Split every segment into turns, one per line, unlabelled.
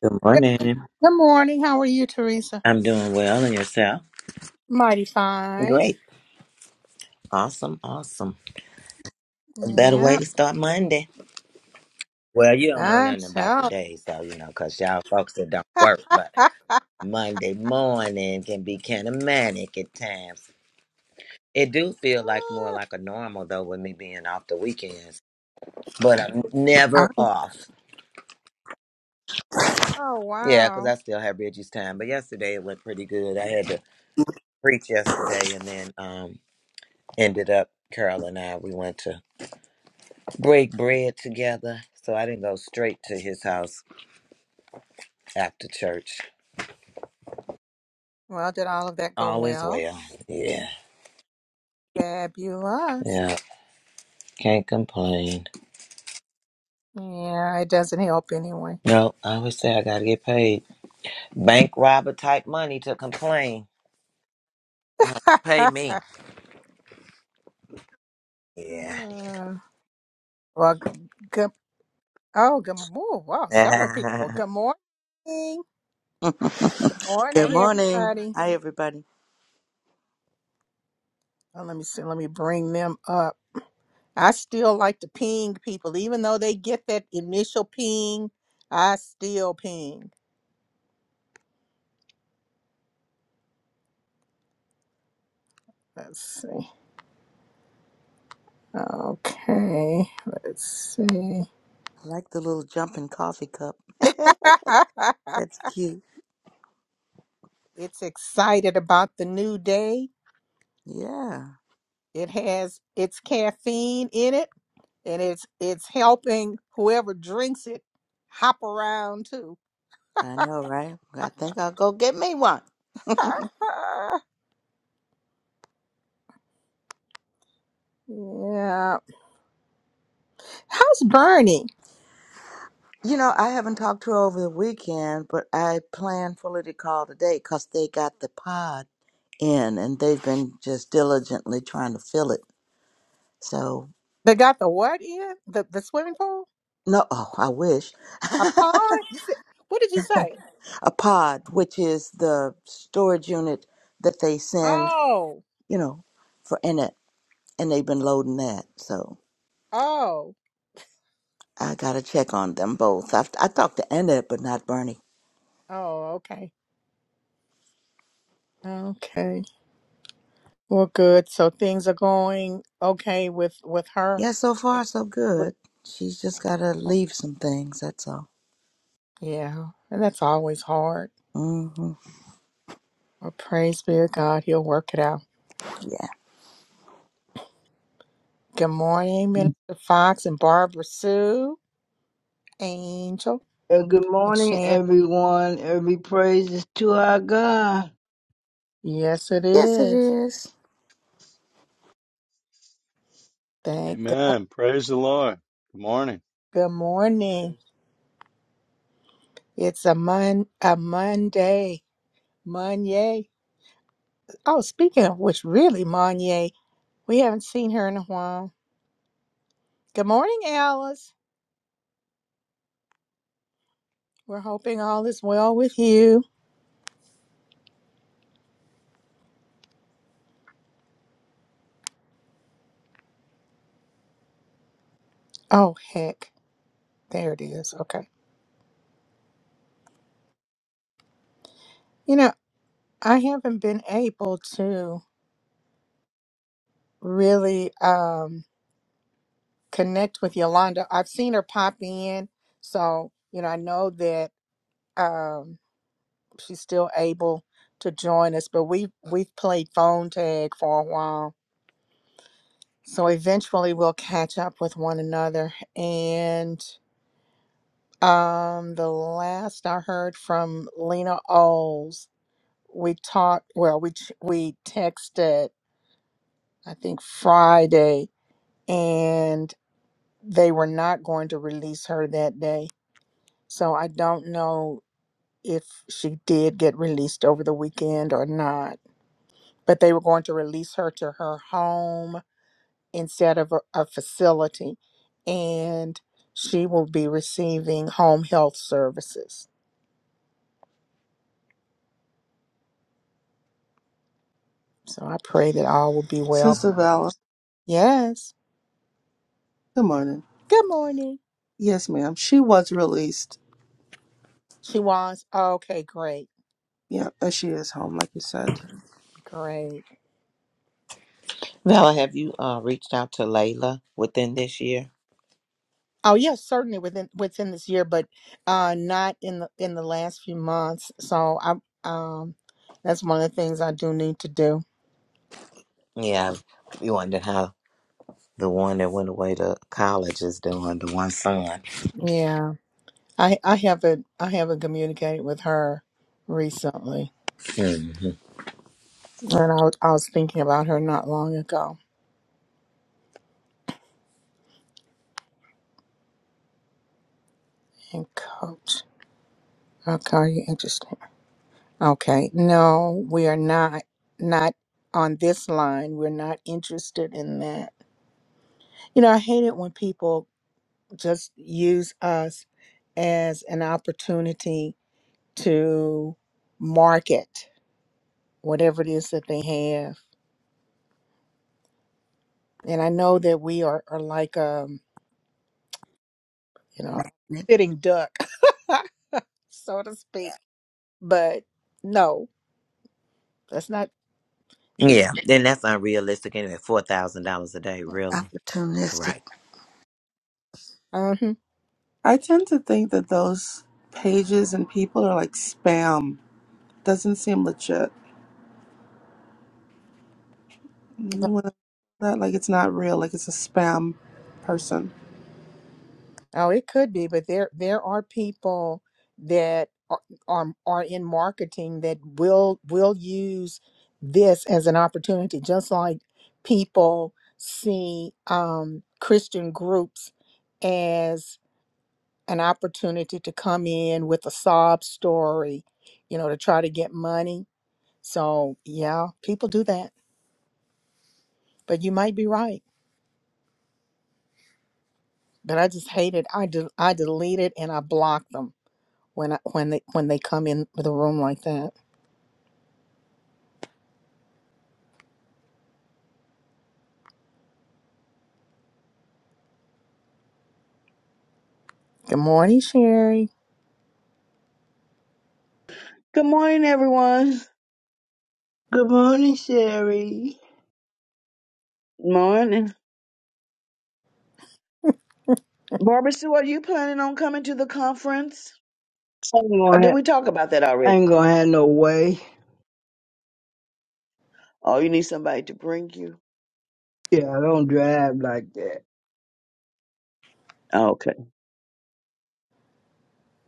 Good
Good
morning.
morning. How are you, Teresa?
I'm doing well, and yourself?
Mighty fine.
Great. Awesome. Awesome. A better way
Yeah,
to start Monday. Well, you don't know
I'm
nothing about the
so.
day, so you know, because 'cause y'all folks that don't work, but Monday morning can be kind of manic at times. It do feel like more like a normal though with me being off the weekends, but I'm
Oh,
never off.
oh,
Yeah, cause
wow.
I still have Reggie's time. But yesterday it went pretty good. I had to preach yesterday, and then um ended up Carol and I we went to break bread together. So I didn't go straight to his house after church.
Well, did all of that go
All is
well?
well. Yeah.
Fabulous.
Yeah. Can't complain.
Yeah, it doesn't help anyway.
No, I always say I gotta get paid. Bank robber type money to complain. Well, pay me. Yeah.
Uh, well, good. Oh, good. Oh, wow. Several people. Good morning. Good
Good
morning,
morning.
everybody.
Hi, everybody.
Oh, let me see. Let me bring them up. I still like to ping people, even though they get that initial ping. I still ping. Let's see. Okay, let's see.
I like the little jumping coffee cup. That's cute.
it's excited about the new day.
Yeah,
It has its caffeine in it, and it's it's helping whoever drinks it hop around too.
I know, right? I think I'll go get me one.
yeah. How's Bernie?
You know, I haven't talked to her over the weekend, but I plan fully to call today because they got the pod in and they've been just diligently trying to fill it. So,
They got the what in the the swimming pool?
no, oh, I wish.
A pond? You said what did you say?
A pod, which is the storage unit that they send,
Oh,
you know, for in it. And they've been loading that. So.
oh,
I gotta check on them both. I've, I talked to Annette, but not Bernie.
oh, okay. Okay. Well good. So things are going okay with with her.
Yeah, so far so
With-
good. She's just gotta
oh,
leave some things. That's all.
Yeah. And that's always hard.
hmm
Well praise be to God, he'll work it out.
Yeah.
Good morning, Minister Fox and Barbara Sue, Angel,
And good
and
morning,
Shannon.
everyone. Every praise is to our God.
Yes, it
Yes, it
is.
is.
Thank God.
Amen. Praise the Lord. Good morning.
Good morning.
Praise.
It's a mon a Monday. Monday. Oh, speaking of which, really, Monier, we haven't seen her in a while. Good morning, Alice. We're hoping all is well with you. Oh, heck. There it is. Okay. You know, I haven't been able to really um, connect with Yolanda. I've seen her pop in. So, you know, I know that um, she's still able to join us, but we've, we've played phone tag for a while. So eventually we'll catch up with one another. And Um, the last I heard from Lena Oles, we talked. Well, we ch- we texted. I think Friday, and they were not going to release her that day. So I don't know if she did get released over the weekend or not. But they were going to release her to her home instead of a, a facility, and she will be receiving home health services. So I pray that all will be well
Sister Vala,
Yes.
good morning.
Good morning.
Yes, ma'am. She was released.
She was. Okay, great.
Yeah, and she is home, like you said.
Great.
Vala, have you uh, reached out to Layla within this year?
Oh yes, certainly within within this year, but uh not in the in the last few months. So I um that's one of the things I do need to do.
Yeah. You wonder how the one that went away to college is doing, the one son.
Yeah. I I haven't I haven't communicated with her recently.
hmm
And I was I was thinking about her not long ago. And coach. Okay, are you interesting. Okay. No, we are not not on this line. We're not interested in that. You know, I hate it when people just use us as an opportunity to market whatever it is that they have. And I know that we are, are like um, you know,
Magnet,
sitting duck, so to speak. But no, that's not.
Yeah. Then that's unrealistic anyway. $4,000 a day, really.
opportunistic.
Right.
Uh-huh.
I tend to think that those pages and people are like spam. Doesn't seem legit. You know what I- That like it's not real. Like it's a spam person.
Oh, it could be, but there there are people that are are, are in marketing that will will use this as an opportunity, just like people see um, Christian groups as an opportunity to come in with a sob story, you know, to try to get money. So yeah, people do that, but you might be right. But I just hate it. I do. I delete it and I block them when I, when they when they come in the room like that. Good morning, Sherry.
Good morning, everyone.
Good morning, Sherry.
Morning. Barbara Sue, are you planning on coming to the conference?
I ain't
Or
gonna
did
have,
we talk about that
I
already?
ain't gonna have no way.
Oh, you need somebody to bring you.
Yeah, I don't drive like that.
Oh, Okay.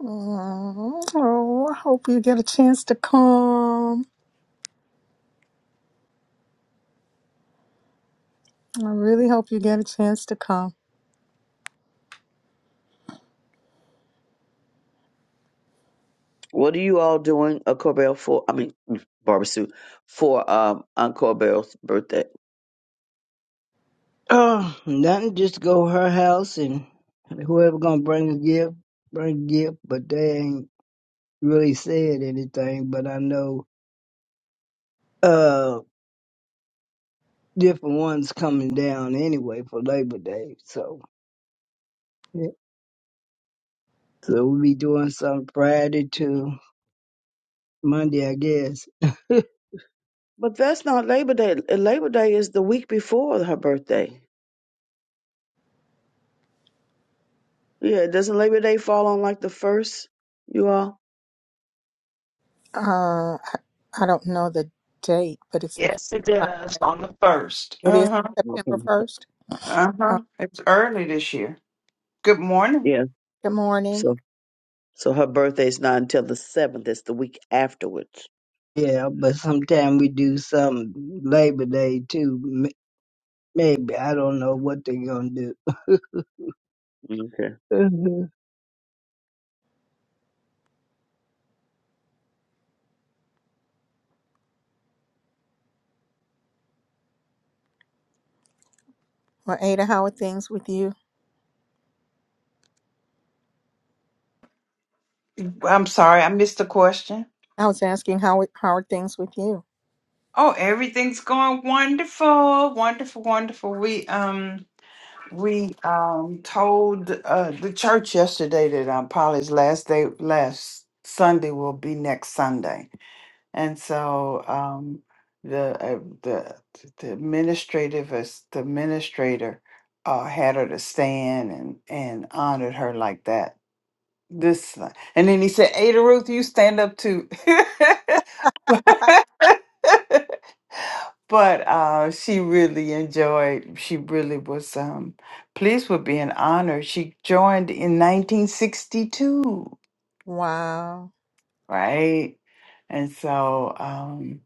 Oh, I hope you get a chance to come. I really hope you get a chance to come.
What are you all doing, a Corbell for? I mean, mm, Barbara Sue, for um, Aunt Corbell's birthday.
Oh, nothing. Just go her house and whoever gonna bring a gift, bring a gift. But they ain't really said anything. But I know uh different ones coming down anyway for Labor Day. So yeah. so we'll be doing some Friday to Monday, I guess.
But that's not Labor Day. Uh, Labor Day is the week before her birthday. Yeah, doesn't Labor Day fall on like the first? You all.
Uh, I, I don't know the date, but it's the
Yes, it does.
Friday.
On the first.
It
Uh
is
huh.
Okay.
September first.
Uh
Uh,
huh. It's early this year. Good morning.
Yeah.
good morning.
So, so her birthday's not until the seventh. It's the week afterwards.
Yeah, but sometime we do some Labor Day too. m- Maybe I don't know what they're gonna do. Mhm.
Well, Ada, how are things with you?
I'm sorry, I missed the question.
I was asking how it- how are things with you?
Oh, everything's going wonderful, wonderful, wonderful. We um we um told uh the church yesterday that um Polly's last day last Sunday will be next Sunday. And so um, the, uh, the the administrative as the administrator uh, had her to stand and and honored her like that. This thing. and then he said, Ada Ruth, you stand up too. but but uh, she really enjoyed. She really was um, pleased with being honored. She joined in 1962,
Wow.
right? And so. Um,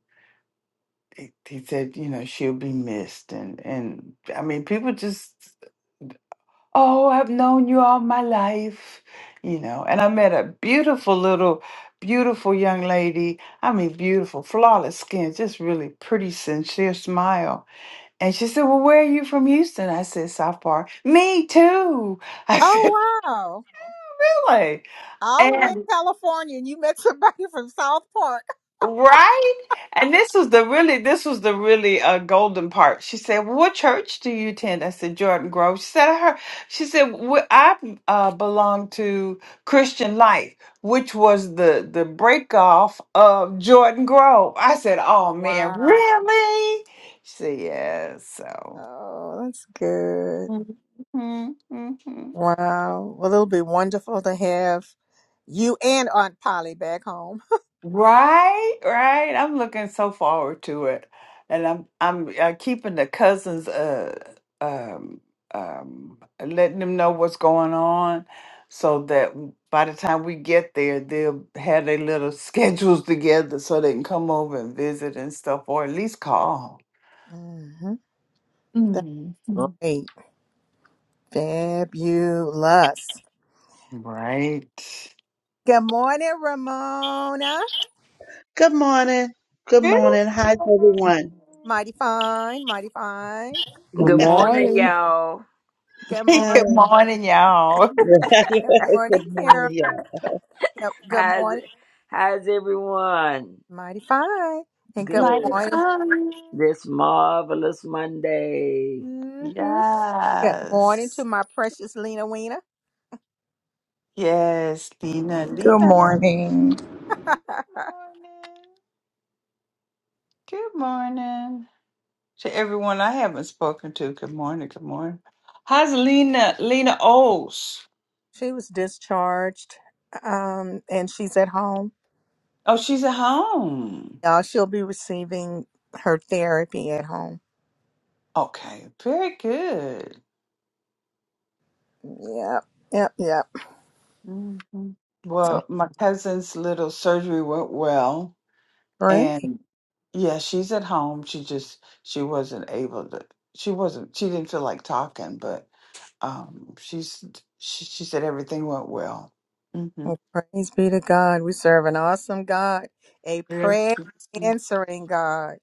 he he said, you know, she'll be missed. And, and I mean, people just, oh, I've known you all my life, you know. And I met a beautiful little, beautiful young lady. I mean, beautiful, flawless skin, just really pretty, sincere smile. And she said, well, where are you from Houston? I said, South Park. Me too. I said,
Oh, wow.
really?
all the way in
And
California and you met somebody from South Park.
Right? And this was the really this was the really uh, golden part. She said, "What church do you attend?" I said, "Jordan Grove." She said, "Her." She said, "Wh- "I uh, belong to Christian Life, which was the the break off of Jordan Grove." I said, "Oh man,
Wow.
really?" She said, "Yes." so,
Oh, that's good.
hmm
Wow. Well, it'll be wonderful to have you and Aunt Polly back home.
Right, right. I'm looking so forward to it, and I'm I'm uh, keeping the cousins uh um um letting them know what's going on, so that by the time we get there, they'll have their little schedules together so they can come over and visit and stuff, or at least call.
Mm-hmm. That's
Mhm.
great. Fabulous.
Right.
Good morning, Ramona.
Good morning. Good
Good
morning. Hi, everyone.
Mighty fine, mighty fine.
Good
Good morning,
morning.
y'all.
Good
Uh,
morning.
Good morning, y'all.
Good morning,
good morning.
Karen.
Yeah.
Good, good
How's it,
morning.
how's everyone?
Mighty fine. And good
Mighty
Good.
morning.
fun.
This marvelous Monday.
Mm-hmm. Good morning to
Yes.
my precious Lena Weena.
Yes, Lena.
Good
Lena. Good
morning.
morning. Good morning. To everyone I haven't spoken to, good morning. Good morning. How's Lena? Lena Oles.
she was discharged um, and she's at home.
Oh, she's at home.
Uh, she'll be receiving her therapy at home.
Okay, very good.
Yep, yep, yep.
hmm
So
Well, my cousin's little surgery went well,
pray.
and yeah, she's at home. She just she wasn't able to. She wasn't. She didn't feel like talking, but Um, she's she, she said everything went well. Mm-hmm.
Well, praise be to God. We serve an awesome God, a
Yes,
prayer answering God.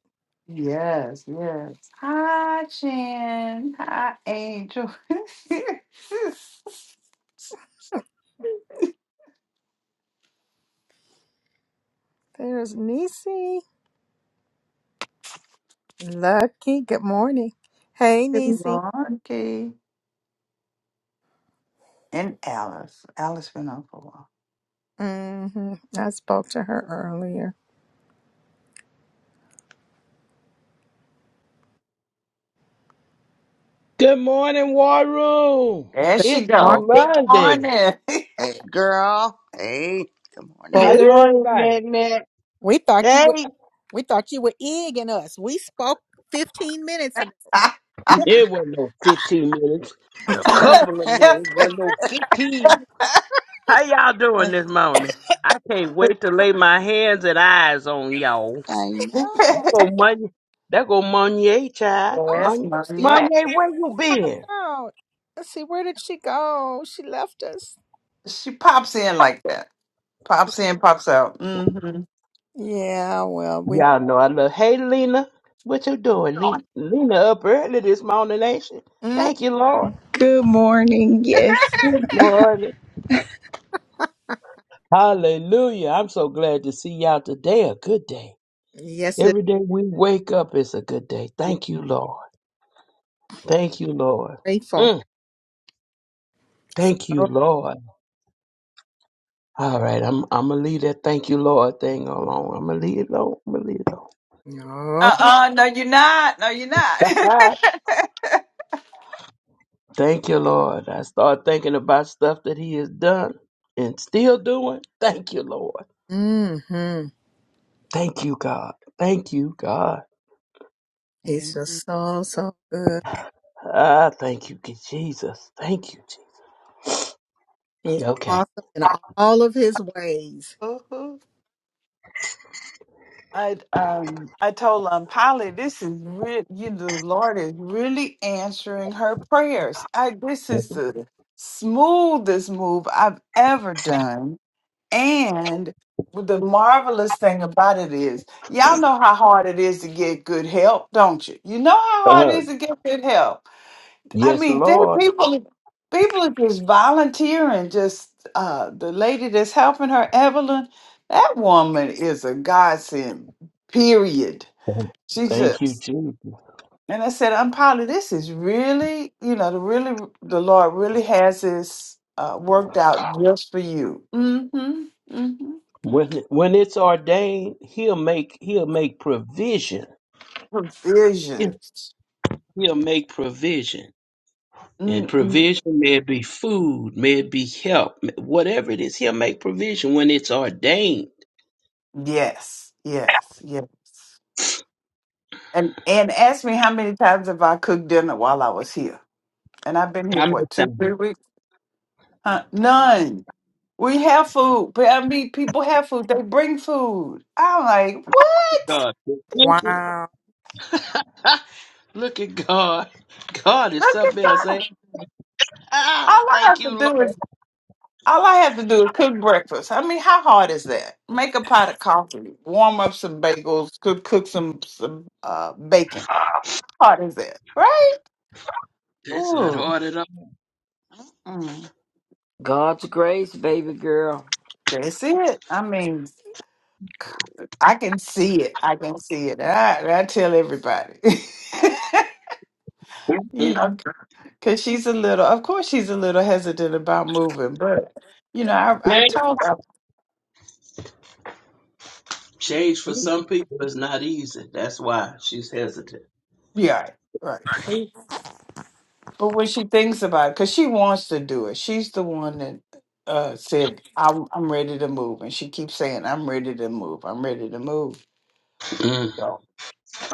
yes. yes. Hi, Jen. Hi, Angel.
Hmm, There's Nisi. Lucky. Good morning. Hey, Nisi.
Monkey and Alice. Alice been on for a while.
hmm I spoke to her earlier.
Good morning, War Room.
There
Good
she
It's
morning.
go. Good
Monday.
morning.
Hey, girl. Hey. Good morning.
Well, we.
How's
Good morning,
everybody?
Matt. Matt.
We thought you
Hey,
were we thought you were egging us. We spoke fifteen minutes ago.
it was no 15 minutes. A couple of
I
minutes, but no 15. How y'all doing this morning? I can't wait to lay my hands and eyes on y'all.
know.
That go money. That go Money, child.
yes,
Money,
Oh,
Monya.
she pop-
Money, where you
popped
been?
out. Let's see, where did she go? She left us.
she pops in like that. Pops in, pops out. Mm-hmm.
Yeah, well, we.
Y'all know I love. Hey, Lena, what you doing? Lena, Lena up early this morning, ain't she?
Mm,
Thank you, Lord.
Good morning. Yes.
Good morning. Hallelujah. I'm so glad to see y'all today. A good day.
yes, it
Every day we wake up, it's a good day.
is
Thank you, Lord. Thank you, Lord.
grateful.
Mm, Thank you,
Oh,
Lord. All right, I'm I'm gonna leave that thank you, Lord thing alone. I'm gonna leave it alone. I'm gonna leave it
no.
Uh-uh, no, you're not. No, you're not.
alone. thank you, Lord. I start thinking about stuff that He has done and still doing. Thank you, Lord.
Mm-hmm.
Thank you, God. Thank you, God.
He's
Amen.
just so so good.
Ah, thank you, Jesus. Thank you, Jesus.
He's
Okay.
awesome in all of his ways.
uh I um I told um Polly this is re- you the Lord is really answering her prayers. I this is the smoothest move I've ever done. And the marvelous thing about it is, y'all know how hard it is to get good help, don't you? You know how hard it
Uh,
is to get good help. I
yes,
mean, there are
Lord.
people people are just volunteering. Just uh, the lady that's helping her, Evelyn, that woman is a godsend. Period.
Thank
She
thank you,
just
Jesus.
and I said, I'm Polly. this is really, you know, the really the Lord really has this uh, worked out just for you. Mm-hmm. Mm-hmm.
When when it's ordained, he'll make he'll make provision.
Provision.
He'll he'll make provision. And
Mm-mm.
provision may it be food, may it be help, whatever it is, he'll make provision when it's ordained.
Yes. Yes. Yes. And and asked me how many times have I cooked dinner while I was here. and I've been here for
I'm
what,
just
two,
saying,
three weeks. Huh? None. We have food, but I mean, people have food. They bring food. I'm like, what?
God. provision.
Wow.
Ha! Look at God. God is
Look at
something
that.
else. Ain't it? ah,
All I
thank
have to
you, Lord.
do is all I have to do is cook breakfast. I mean, how hard is that? Make a pot of coffee, warm up some bagels, cook cook some some uh, bacon. How hard is that, right?
It's not
Ooh,
hard at all.
mm
God's grace, baby girl.
that's it. I mean, I can see it. I can see it. And I, and I tell everybody. you
Mm-mm.
know. Cause she's a little, of course, she's a little hesitant about moving, but you know, I I
Change
told her,
change for some people is not easy. That's why she's hesitant.
yeah, right. right. But when she thinks about it, cause she wants to do it, she's the one that uh said, "I'm I'm ready to move," and she keeps saying, "I'm ready to move. I'm ready to move."
Mm,
So,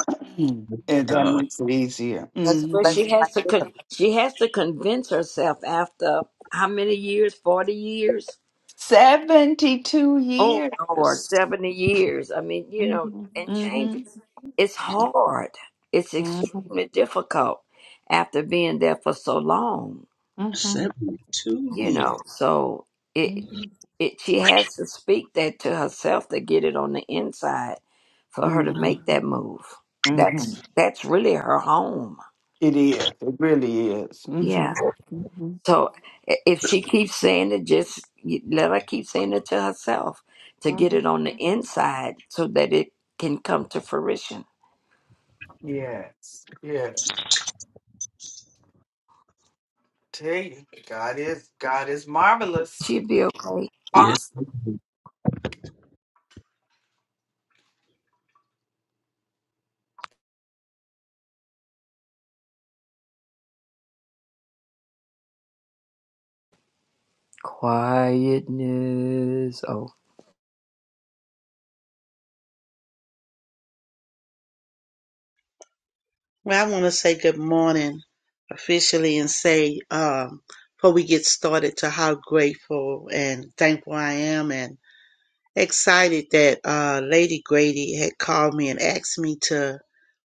and that
God.
makes it easier.
That's a
But
hmm
blessing
she has to
right
con- she has to convince herself after how many years? Forty years?
Seventy-two
Oh
years.
Lord, seventy years. I mean, you know,
Mm-hmm.
and changes. It's hard. It's
Mm-hmm.
extremely difficult after being there for so long.
Mm-hmm.
72
you
years.
know so it it she has to speak that to herself to get it on the inside for her to
Mm-hmm.
make that move
Mm-hmm.
that's that's really her home
It is. It really is.
yeah
Mm-hmm. hmm
so i- if she keeps saying it just y- let her keep saying it to herself to get
hmm
it on the inside so that it can come to fruition
Yes. Yeah. Tell you, God is God is marvelous.
she'll be okay
Yes.
Awesome.
Quietness. Oh,
Well, I want to say good morning officially and say, um, before we get started, to how grateful and thankful I am and excited that uh, Lady Grady had called me and asked me to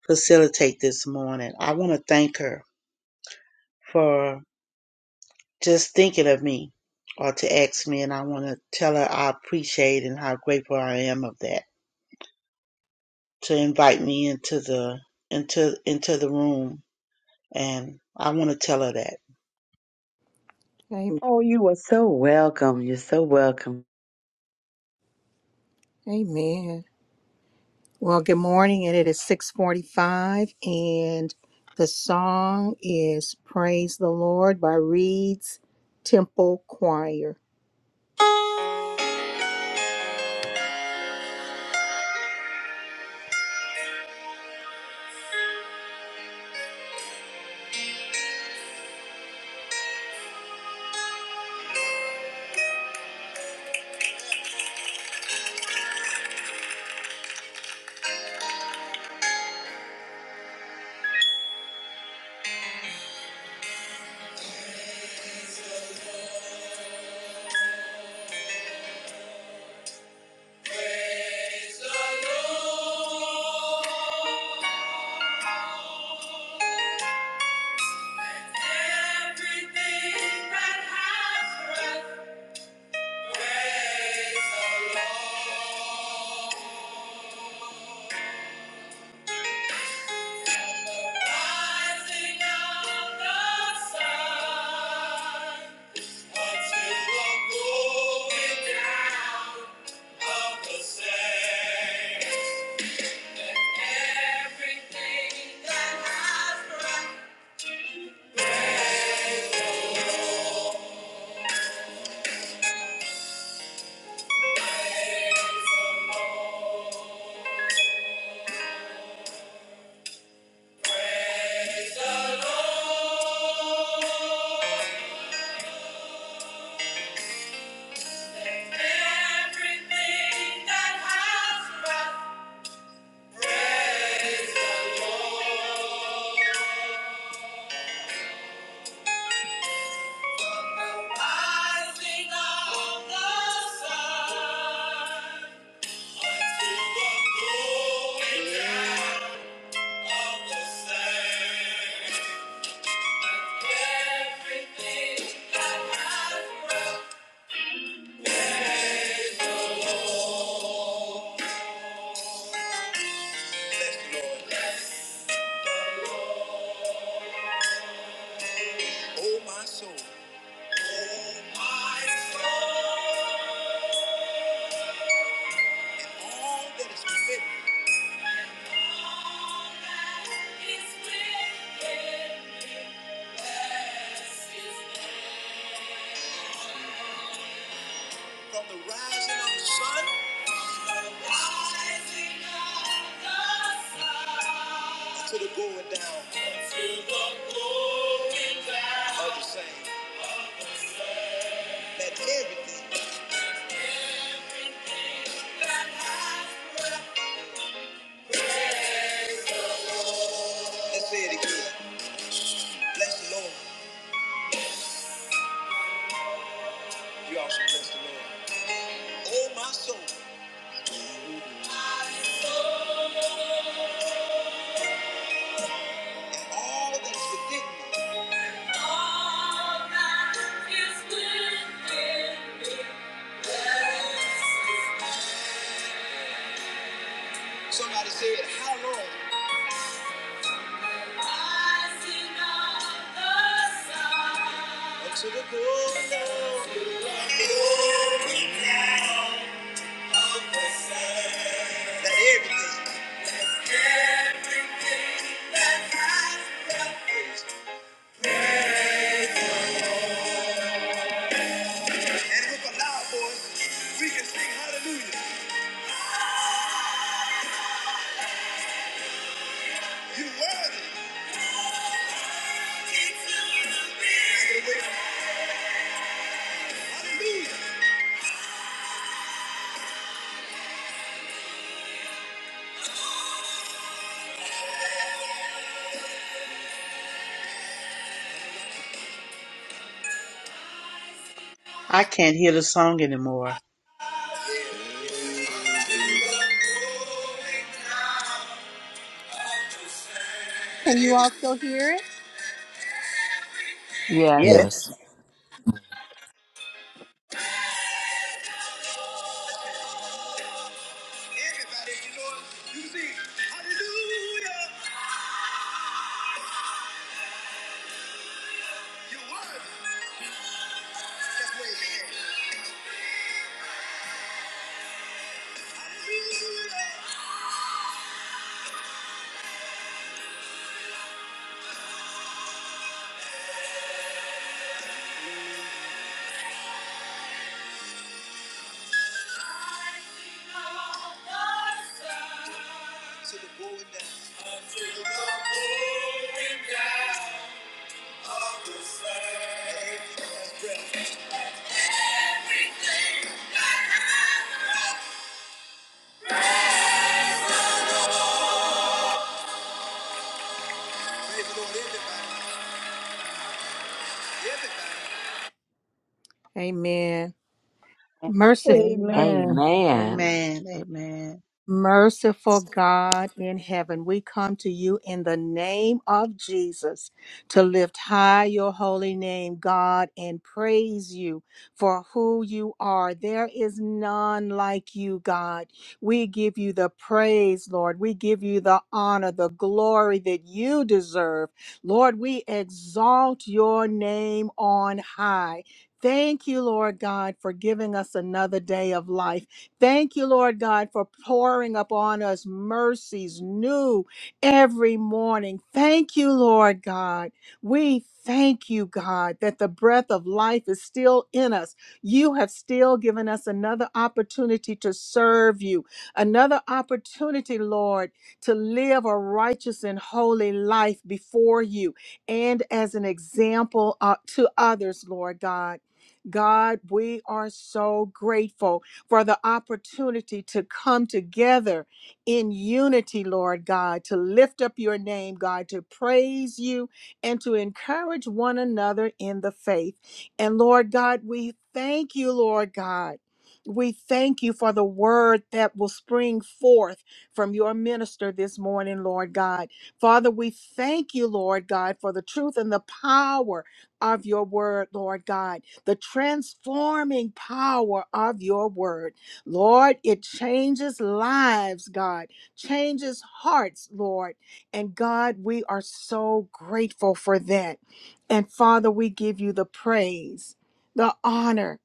facilitate this morning. I want to thank her for just thinking of me or to ask me, and I want to tell her I appreciate and how grateful I am of that. to invite me into the into into the room and I want to tell her that.
Amen.
Oh, you are so welcome. You're so welcome.
Amen. Well, good morning, and it is 645, and the song is Praise the Lord by Reed's Temple Choir. Praise the Lord, everything that has breath. Praise the Lord. Rising of the sun until the going down of the same. Everything that has breath, praise the Lord. Praise the Lord. Everything that has breath, praise Rising of the sun until the going down of the same. Everything that has breath, oh my soul. All that is within me. All that is Bless His name. From the rising of the sun. From the Rising of the sun. To the going down. To the going down. Of the same. That everything. That has breath. Let's say it again. Bless the Lord. You also bless the Lord. Oh, my soul. My soul. And all that's within me. Somebody said, How long? I see not the sun. Until the glory now of the sun. That everything, that everything that has breath, And with a loud voice, we can sing hallelujah. You worthy.
I can't hear the song anymore.
Can you all still hear it?
yes
Yes.
there.
Yes.
Everybody, you know, you see, hallelujah, you won. Just wave your hand. Hallelujah. To the going down. To the going down of the sun. Everything that has breath. Praise the Lord, everybody. Everybody. Amen. Merciful
Amen.
Amen.
amen
Amen. Amen.
Merciful God in heaven, we come to you in the name of Jesus to lift high your holy name, God, and praise you for who you are. There is none like you, God. We give you the praise, Lord. We give you the honor, the glory that you deserve. Lord, we exalt your name on high. Thank you, Lord God, for giving us another day of life. Thank you, Lord God, for pouring upon us mercies new every morning. Thank you, Lord God. We thank you, God, that the breath of life is still in us. You have still given us another opportunity to serve you, another opportunity, Lord, to live a righteous and holy life before you and as an example uh, to others, Lord God. God, we are so grateful for the opportunity to come together in unity, Lord God, to lift up your name, God, to praise you and to encourage one another in the faith. And Lord God, we thank you, Lord God. We thank you for the word that will spring forth from your minister this morning, Lord God. Father, we thank you, Lord God, for the truth and the power of your word, Lord God the transforming power of your word. Lord, it changes lives, God, changes hearts, Lord. And God, we are so grateful for that. And Father, we give you the praise, the honor,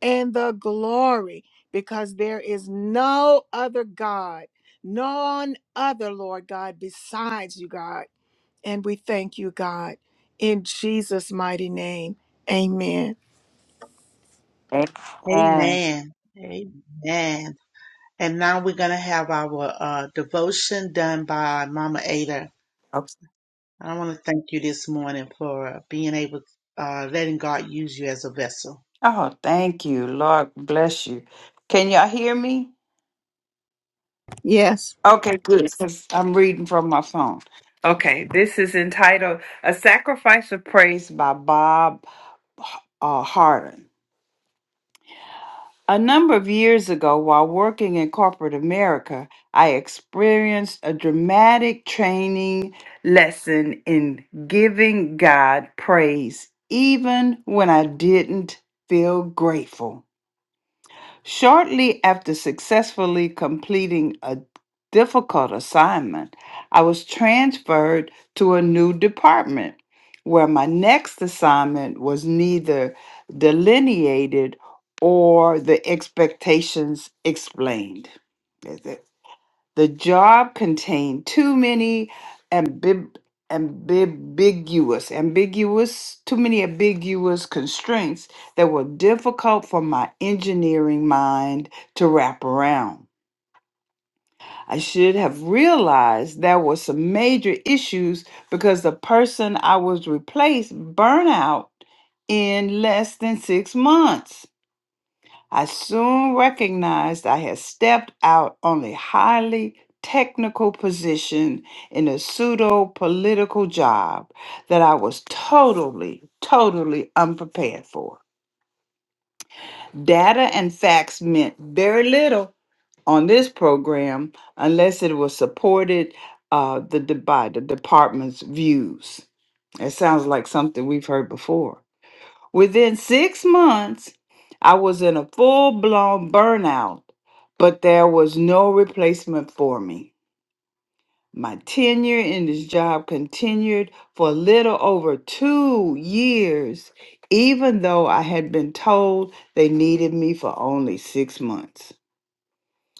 and the glory because there is no other God, none other, Lord God, besides you, God. And we thank you, God, in Jesus' mighty name. Amen.
Amen.
Amen. Amen. And now we're going to have our uh, devotion done by Mama Ada.
Okay.
I want to thank you this morning for being able, uh, letting God use you as a vessel.
Oh, thank you, Lord. Bless you. Can y'all hear me?
Yes.
Okay, good. 'cause I'm reading from my phone. Okay, this is entitled "A Sacrifice of Praise" by Bob uh, Harden. A number of years ago, while working in corporate America, I experienced a dramatic training lesson in giving God praise, even when I didn't feel grateful. Shortly after successfully completing a difficult assignment, I was transferred to a new department where my next assignment was neither delineated or the expectations explained. That's it? The job contained too many ambib- ambiguous, ambiguous, too many ambiguous constraints that were difficult for my engineering mind to wrap around. I should have realized there were some major issues because the person I was replaced burned out in less than six months. I soon recognized I had stepped out on a highly technical position in a pseudo political job that I was totally, totally unprepared for. Data and facts meant very little on this program unless it was supported uh, the, de- by the department's views. It sounds like something we've heard before. Within six months, I was in a full blown burnout, but there was no replacement for me. My tenure in this job continued for a little over two years, even though I had been told they needed me for only six months.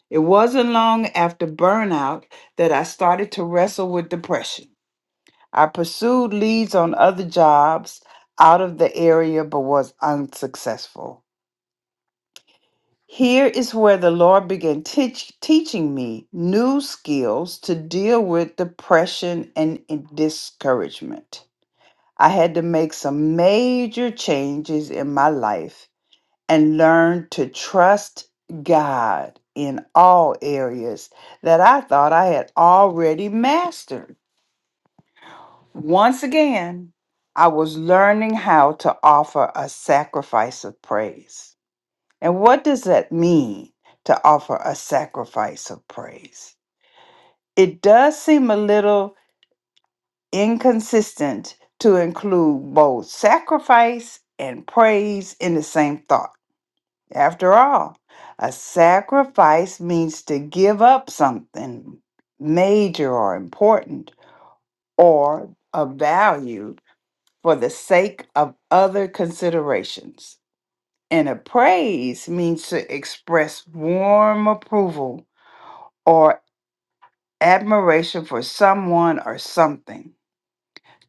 It wasn't long after burnout that I started to wrestle with depression. I pursued leads on other jobs out of the area but was unsuccessful. Here is where the Lord began teach, teaching me new skills to deal with depression and in- discouragement. I had to make some major changes in my life and learn to trust God in all areas that I thought I had already mastered. Once again, I was learning how to offer a sacrifice of praise. And what does that mean to offer a sacrifice of praise? It does seem a little inconsistent to include both sacrifice and praise in the same thought. After all, a sacrifice means to give up something major or important or of value for the sake of other considerations. And a praise means to express warm approval or admiration for someone or something.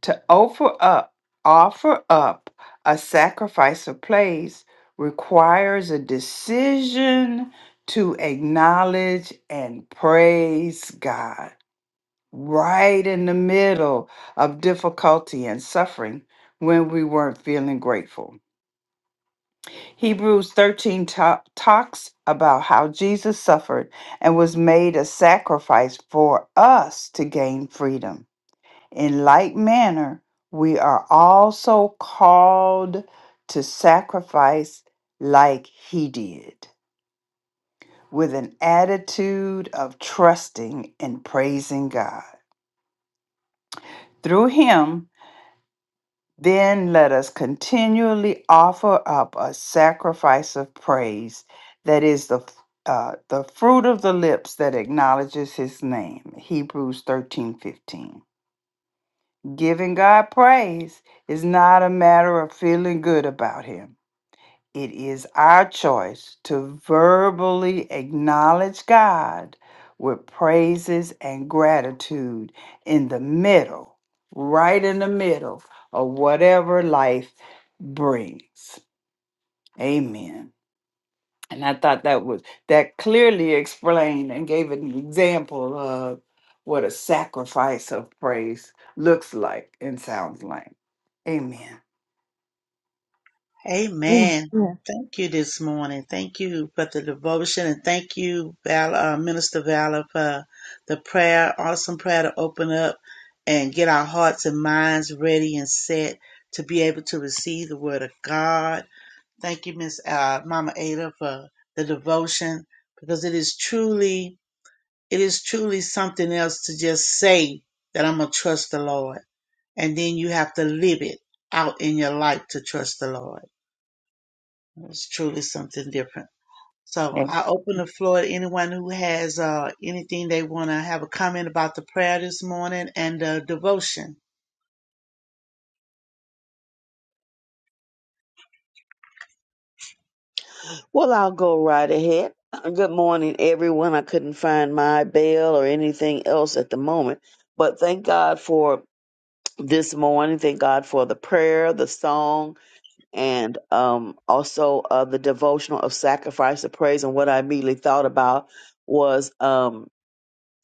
To offer up, offer up a sacrifice of praise requires a decision to acknowledge and praise God. Right in the middle of difficulty and suffering when we weren't feeling grateful. Hebrews 13 ta- talks about how Jesus suffered and was made a sacrifice for us to gain freedom. In like manner, we are also called to sacrifice like he did, with an attitude of trusting and praising God. Through him, Then let us continually offer up a sacrifice of praise that is the uh, the fruit of the lips that acknowledges his name. Hebrews 13 15. Giving God praise is not a matter of feeling good about him. It is our choice to verbally acknowledge God with praises and gratitude in the middle, right in the middle of whatever life brings. Amen. And I thought that was that clearly explained and gave an example of what a sacrifice of praise looks like and sounds like. Amen.
Amen. Thank you this morning. Thank you for the devotion and thank you, Val, uh, Minister Valor, for the prayer, awesome prayer to open up and get our hearts and minds ready and set to be able to receive the word of God. Thank you, Miss uh, Mama Ada, for the devotion because it is truly, it is truly something else to just say that I'm going to trust the Lord. And then you have to live it out in your life to trust the Lord. It's truly something different. So
Amen.
I open the floor to anyone who has uh, anything they want to have a comment about the prayer this morning and the devotion.
Well, I'll go right ahead. Uh, Good morning, everyone. I couldn't find my bell or anything else at the moment, but thank God for this morning. Thank God for the prayer, the song, and um, also uh, the devotional of sacrifice of praise. And what I immediately thought about was. um,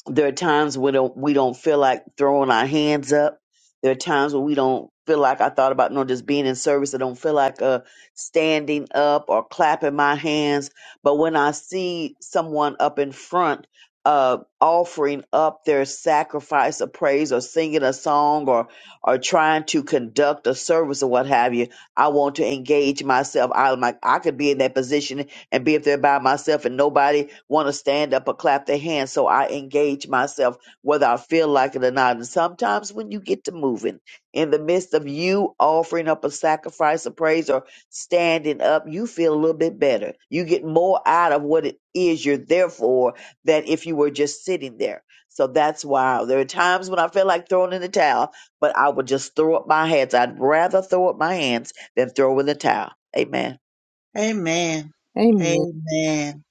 There are times when don't- we don't feel like throwing our hands up. There are times when we don't feel like I thought about, you know, just being in service. I don't feel like uh, standing up or clapping my hands. But when I see someone up in front uh, offering up their sacrifice of praise or singing a song or, or trying to conduct a service or what have you, I want to engage myself. I'm like, I could be in that position and be up there by myself and nobody want to stand up or clap their hands. So I engage myself whether I feel like it or not. And sometimes when you get to moving in the midst of you offering up a sacrifice of praise or standing up, you feel a little bit better. You get more out of what it is you're there for than if you were just sitting there. So that's why there are times when I feel like throwing in the towel, but I would just throw up my hands. I'd rather throw up my hands than throw in the towel. Amen.
Amen.
Amen.
Amen.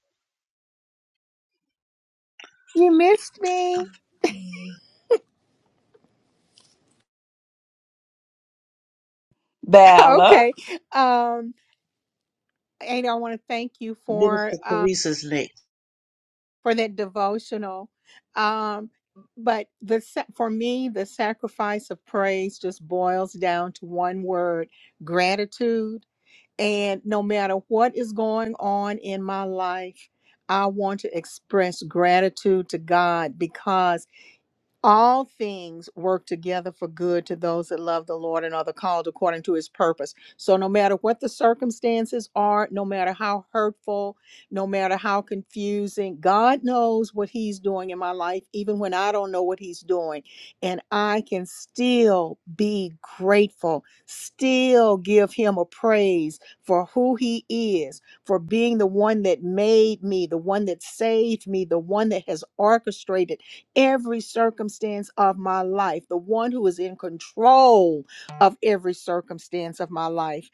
You missed me. Okay. Um, Ada, I want to thank you for
Minister
uh,
Teresa's next.
for that devotional. Um, but the sa- for me, the sacrifice of praise just boils down to one word: gratitude. And no matter what is going on in my life, I want to express gratitude to God because all things work together for good to those that love the Lord and are the called according to his purpose. So, no matter what the circumstances are, no matter how hurtful, no matter how confusing, God knows what he's doing in my life, even when I don't know what he's doing. And I can still be grateful, still give him a praise for who he is, for being the one that made me, the one that saved me, the one that has orchestrated every circumstance of my life, the one who is in control of every circumstance of my life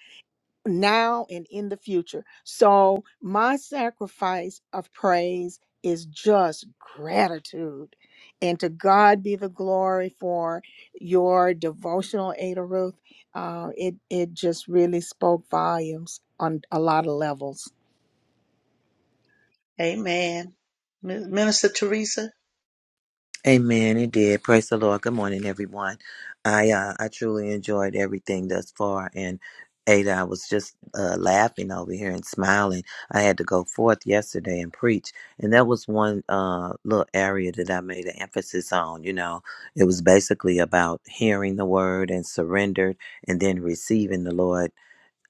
now and in the future. So, my sacrifice of praise is just gratitude. And to God be the glory for your devotional, Ada Ruth. Uh, it, it just really spoke volumes on a lot of levels.
Amen. Min- Minister Teresa.
Amen. It did. Praise the Lord. Good morning, everyone. I uh, I truly enjoyed everything thus far, and Ada, I was just uh, laughing over here and smiling. I had to go forth yesterday and preach, and that was one uh, little area that I made an emphasis on. You know, it was basically about hearing the word and surrendered, and then receiving the Lord.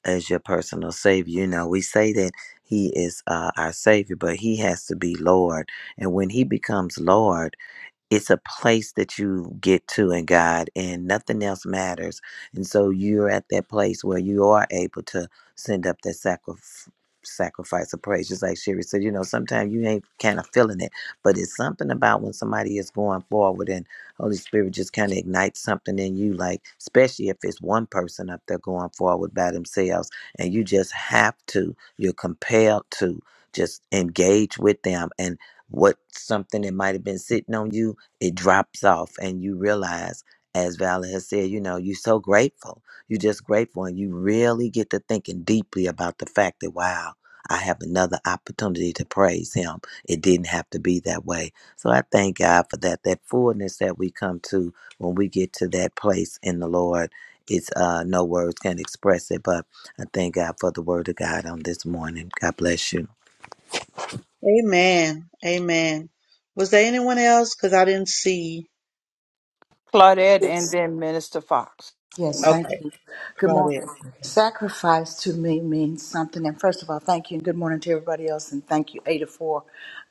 as your personal savior. You know, we say that he is uh, our savior, but he has to be Lord. And when he becomes Lord, it's a place that you get to in God and nothing else matters. And so you're at that place where you are able to send up that sacrifice sacrifice of praise just like sherry said you know sometimes you ain't kind of feeling it but it's something about when somebody is going forward and holy spirit just kind of ignites something in you like especially if it's one person up there going forward by themselves and you just have to you're compelled to just engage with them and what something that might have been sitting on you it drops off and you realize as Valerie has said, you know, you're so grateful. You're just grateful and you really get to thinking deeply about the fact that wow, I have another opportunity to praise him. It didn't have to be that way. So I thank God for that. That fullness that we come to when we get to that place in the Lord. It's uh no words can express it, but I thank God for the word of God on this morning. God bless you.
Amen. Amen. Was there anyone else? Because I didn't see.
Claudette, and then Minister Fox.
Yes, thank
Okay,
you. Good
Claudette.
morning. Sacrifice to me means something. And first of all, thank you and good morning to everybody else. And thank you, Ada, for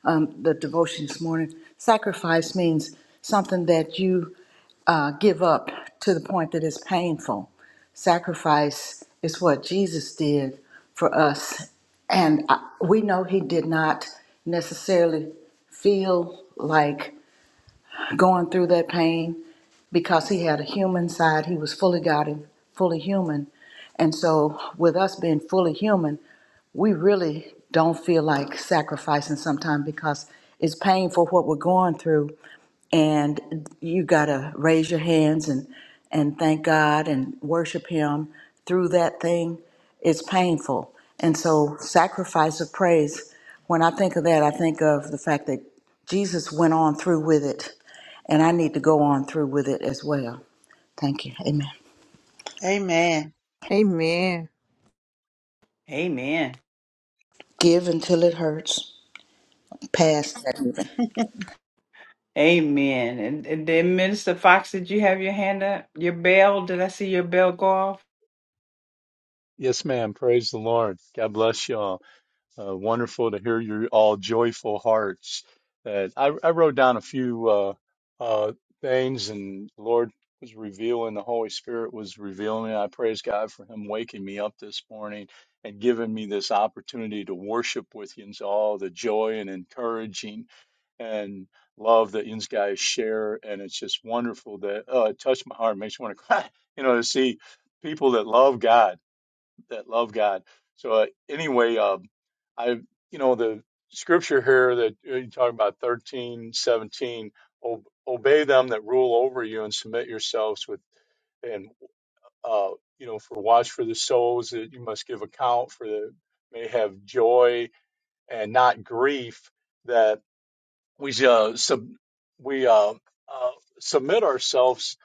um, the devotion this morning. Sacrifice means something that you uh, give up to the point that it's painful. Sacrifice is what Jesus did for us. And I, we know he did not necessarily feel like going through that pain because he had a human side. He was fully God and fully human. And so, with us being fully human, we really don't feel like sacrificing sometimes because it's painful what we're going through. And you got to raise your hands and, and thank God and worship Him through that thing. It's painful. And so, sacrifice of praise, when I think of that, I think of the fact that Jesus went on through with it and I need to go on through with it as well. Thank you. Amen.
Amen.
Amen.
Amen.
Give until it hurts. Past that even.
Amen. And, and then Minister Fox, did you have your hand up? Your bell? Did I see your bell go off?
Yes, ma'am. Praise the Lord. God bless y'all. Uh, wonderful to hear your all joyful hearts. That I, I wrote down a few uh, uh, things, and the Lord was revealing. The Holy Spirit was revealing. I praise God for Him waking me up this morning and giving me this opportunity to worship with you, and so all the joy and encouraging. and love that you guys share. And it's just wonderful that uh, it touched my heart, makes me want to cry, you know, to see people that love God, that love God. So, uh, anyway, uh, I, you know, the scripture here that uh, you talk about 13, 17. "O- obey them that rule over you and submit yourselves with, and, uh, you know, for watch for the souls that you must give account for the, may have joy and not grief That we uh, sub, we uh, uh, submit ourselves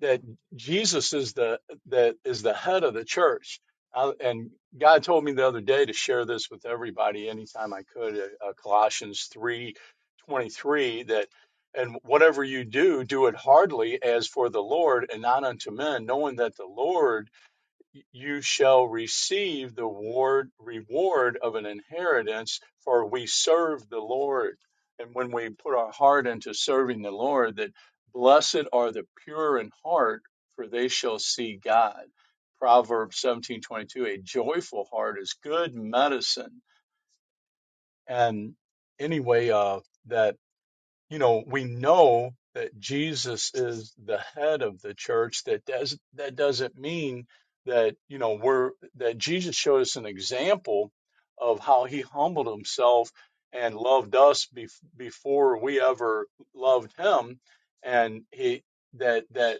that Jesus is the that is the head of the church. I, and God told me the other day to share this with everybody anytime I could. Uh, uh, Colossians three twenty three that and whatever you do, do it heartily as for the Lord and not unto men, knowing that the Lord you shall receive the ward, reward of an inheritance, for we serve the Lord. And when we put our heart into serving the Lord, that blessed are the pure in heart, for they shall see God. Proverbs seventeen twenty two. a joyful heart is good medicine. And anyway, uh, that you know, we know that Jesus is the head of the church. That does that doesn't mean that you know we're that Jesus showed us an example of how he humbled himself and loved us bef- before we ever loved him, and he that that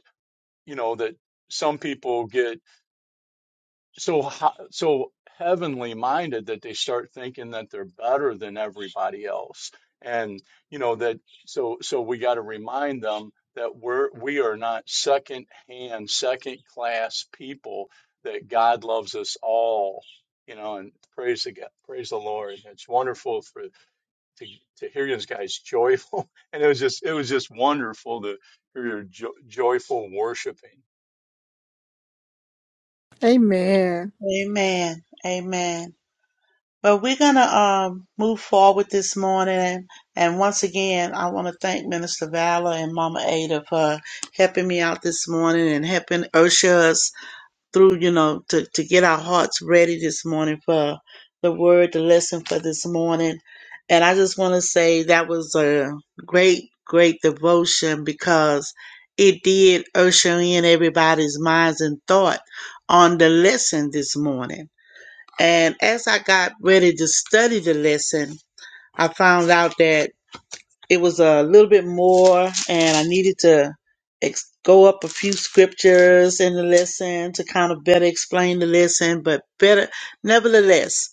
you know that some people get so so heavenly minded that they start thinking that they're better than everybody else and you know that so so we got to remind them that we're we are not second hand second class people that god loves us all you know and praise the god praise the lord it's wonderful for to to hear you guys joyful and it was just it was just wonderful to hear your jo- joyful worshiping
Amen.
Amen. Amen. But we're going to um, move forward this morning. And once again, I want to thank Minister Valor and Mama Ada for helping me out this morning and helping usher us through, you know, to, to get our hearts ready this morning for the word, the lesson for this morning. And I just want to say that was a great, great devotion because it did usher in everybody's minds and thought on the lesson this morning and as I got ready to study the lesson, I found out that it was a little bit more, and I needed to ex- go up a few scriptures in the lesson to kind of better explain the lesson, but better, nevertheless,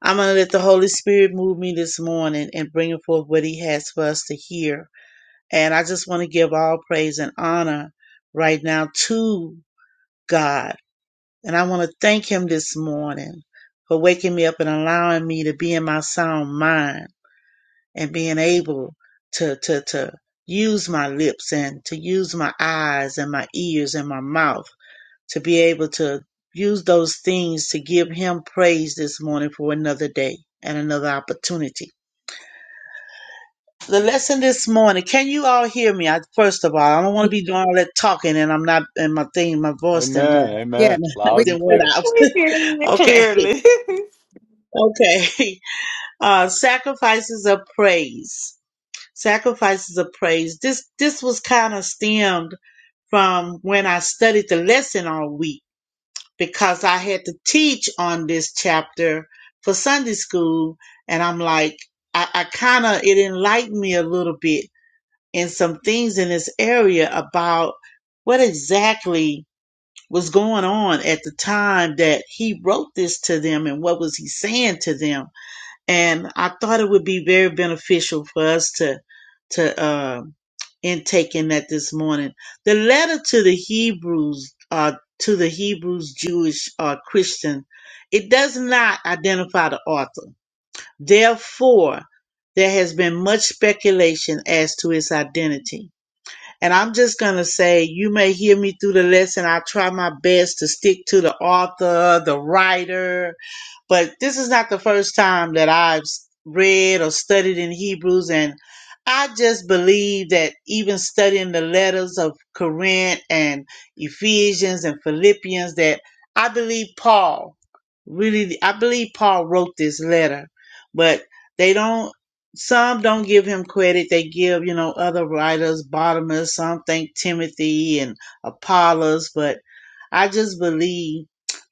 I'm going to let the Holy Spirit move me this morning and bring forth what He has for us to hear. And I just want to give all praise and honor right now to God and I want to thank him this morning for waking me up and allowing me to be in my sound mind and being able to, to, to use my lips and to use my eyes and my ears and my mouth to be able to use those things to give him praise this morning for another day and another opportunity. The lesson this morning, can you all hear me? I, first of all, I don't want
Yeah.
to be doing all that talking and I'm not, and my thing, my voice didn't,
amen
yeah.
uh,
amen
we-
loud and
didn't
clear
went out.
We hear you
okay.
clearly.
Okay. Uh, sacrifices of praise. Sacrifices of praise. This this was kind of stemmed from when I studied the lesson all week because I had to teach on this chapter for Sunday school, and I'm like, I, I kind of it enlightened me a little bit in some things in this area about what exactly was going on at the time that he wrote this to them and what was he saying to them and I thought it would be very beneficial for us to to uh, intake in that this morning. The letter to the Hebrews, uh, to the Hebrews Jewish uh, Christian, it does not identify the author. Therefore, there has been much speculation as to his identity. And I'm just going to say, you may hear me through the lesson. I try my best to stick to the author, the writer, but this is not the first time that I've s- read or studied in Hebrews, and I just believe that even studying the letters of Corinth and Ephesians and Philippians, that I believe Paul really, I believe Paul wrote this letter, but they don't. Some don't give him credit. They give, you know, other writers, Bartimaeus. Some think Timothy and Apollos, but I just believe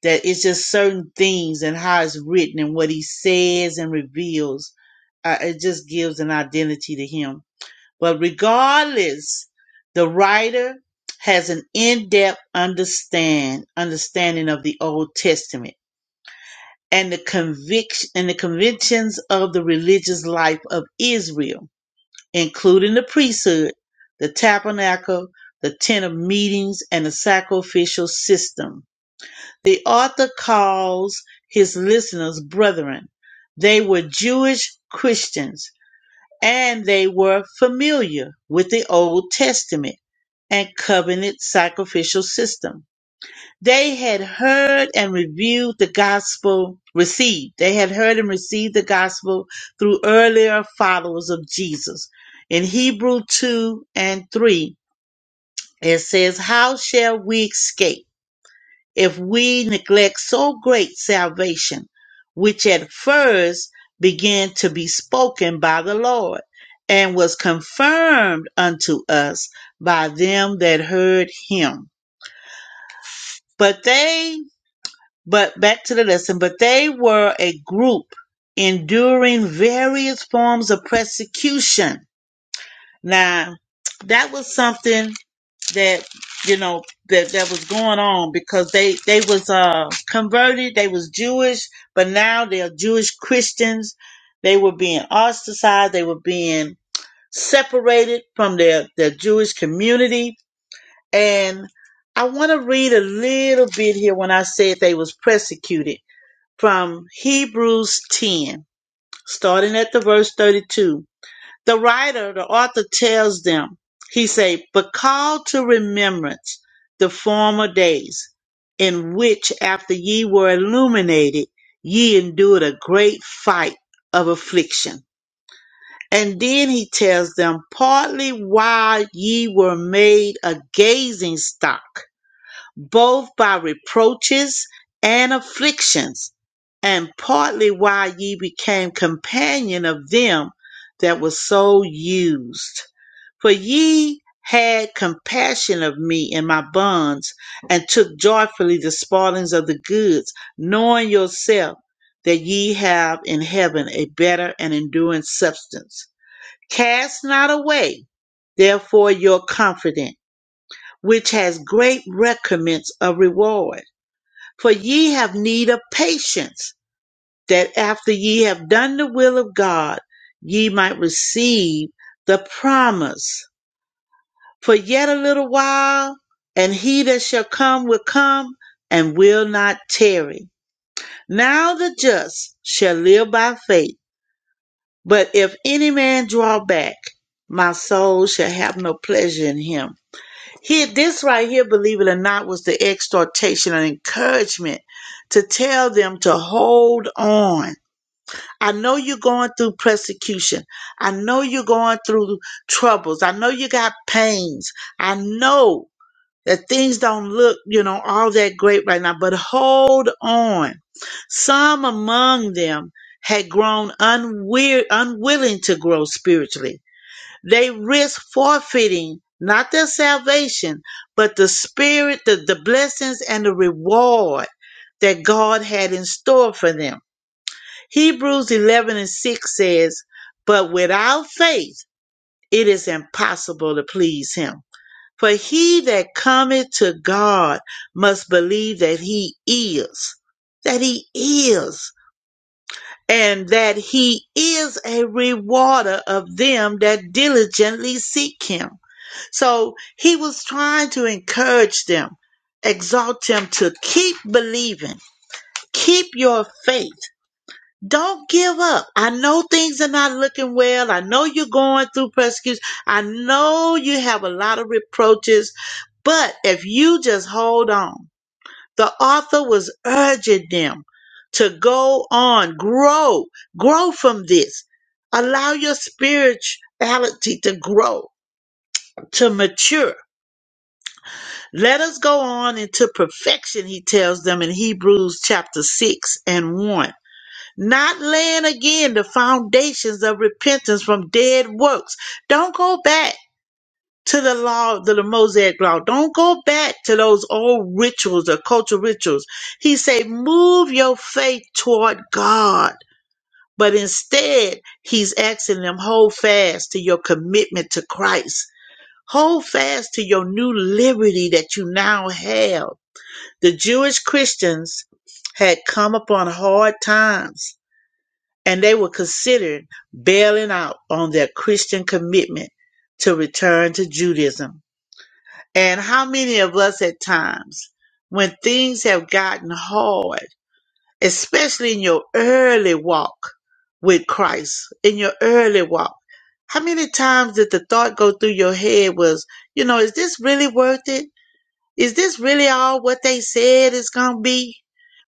that it's just certain things and how it's written and what he says and reveals. Uh, it just gives an identity to him. But regardless, the writer has an in-depth understand understanding of the Old Testament and the conviction and the conventions of the religious life of Israel, including the priesthood, the tabernacle, the tent of meetings, and the sacrificial system the author calls his listeners brethren. They were Jewish Christians, and they were familiar with the Old Testament and covenant sacrificial system. They had heard and reviewed the gospel received. They had heard and received the gospel through earlier followers of Jesus. In Hebrew 2 and 3, it says, How shall we escape? if we neglect so great salvation, which at first began to be spoken by the Lord, and was confirmed unto us by them that heard him. But they, but back to the lesson, but they were a group enduring various forms of persecution now, that was something that you know that that was going on because they they was uh converted, they was Jewish, but now they're Jewish Christians. They were being ostracized, they were being separated from their their Jewish community, and I want to read a little bit here when I said they was persecuted from Hebrews 10, starting at the verse 32. The writer, the author tells them, he say, but call to remembrance the former days in which after ye were illuminated, ye endured a great fight of affliction. And then he tells them, partly why ye were made a gazing stock both by reproaches and afflictions, and partly why ye became companion of them that was so used. For ye had compassion of me in my bonds, and took joyfully the spoilings of the goods, knowing yourself that ye have in heaven a better and enduring substance. Cast not away, therefore, your confidence, which has great recompense of reward. For ye have need of patience, that after ye have done the will of God, ye might receive the promise. For yet a little while, and he that shall come will come and will not tarry. Now the just shall live by faith. But if any man draw back, my soul shall have no pleasure in him. Here, this right here, believe it or not, was the exhortation and encouragement to tell them to hold on. I know you're going through persecution. I know you're going through troubles. I know you got pains. I know that things don't look, you know, all that great right now, but hold on. Some among them had grown unweir- unwilling to grow spiritually they risk forfeiting not their salvation, but the spirit, the, the blessings, and the reward that God had in store for them. Hebrews 11 and 6 says, But without faith, it is impossible to please him. For he that cometh to God must believe that he is, that he is, and that he is a rewarder of them that diligently seek him. So he was trying to encourage them, exalt them to keep believing, keep your faith. Don't give up. I know things are not looking well. I know you're going through persecution. I know you have a lot of reproaches, but if you just hold on, the author was urging them to go on, grow, grow from this. Allow your spirituality to grow, to mature Let us go on into perfection, he tells them in Hebrews chapter 6 and 1. Not laying again the foundations of repentance from dead works. Don't go back to the law, to the Mosaic law. Don't go back to those old rituals, the cultural rituals. He say, move your faith toward God. But instead, he's asking them, hold fast to your commitment to Christ. Hold fast to your new liberty that you now have the Jewish Christians had come upon hard times and they were considering bailing out on their Christian commitment to return to Judaism. And how many of us at times, when things have gotten hard, especially in your early walk with Christ, in your early walk, how many times did the thought go through your head was, you know, is this really worth it? Is this really all what they said it's gonna be?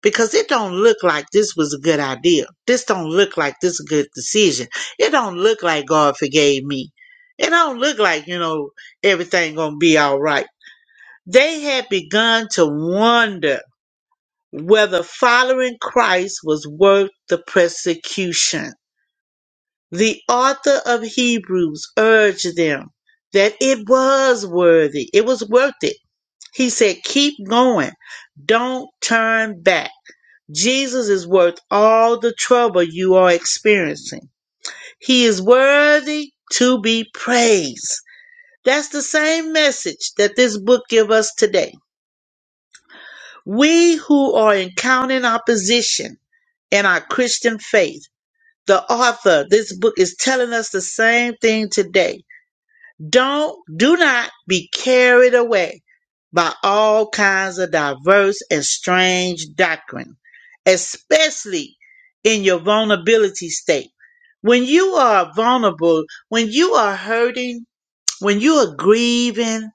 Because it don't look like this was a good idea. This don't look like this a good decision. It don't look like God forgave me. It don't look like, you know, everything gonna be all right. They had begun to wonder whether following Christ was worth the persecution. The author of Hebrews urged them that it was worthy. It was worth it he said, keep going. Don't turn back. Jesus is worth all the trouble you are experiencing. He is worthy to be praised. That's the same message that this book gives us today. We who are encountering opposition in our Christian faith, the author, this book is telling us the same thing today Don't do not be carried away by all kinds of diverse and strange doctrine, especially in your vulnerability state. When you are vulnerable, when you are hurting, when you are grieving,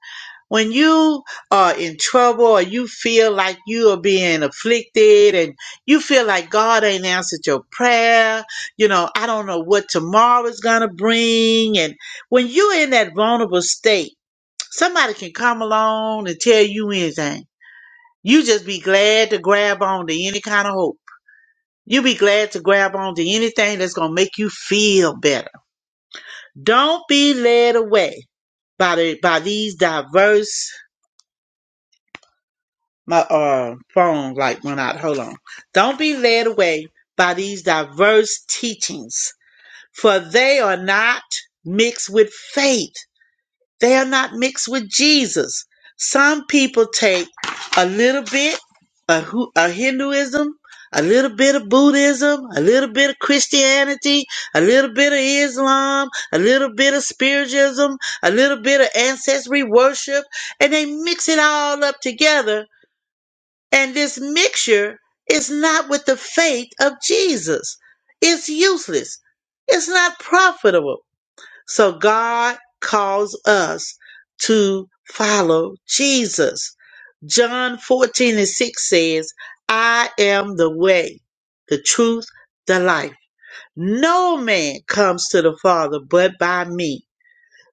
when you are in trouble or you feel like you are being afflicted and you feel like God ain't answered your prayer, you know, I don't know what tomorrow is going to bring. And when you're in that vulnerable state, somebody can come along and tell you anything. You just be glad to grab on to any kind of hope. You be glad to grab on to anything that's going to make you feel better don't be led away by the by these diverse my uh phone light went out. Hold on. Don't be led away by these diverse teachings, for they are not mixed with faith. They are not mixed with Jesus. Some people take a little bit of, Hu- of Hinduism, a little bit of Buddhism, a little bit of Christianity, a little bit of Islam, a little bit of spiritualism, a little bit of ancestry worship, and they mix it all up together. And this mixture is not with the faith of Jesus. It's useless. It's not profitable. So God calls us to follow Jesus. John 14 and 6 says, I am the way, the truth, the life. No man comes to the Father but by me.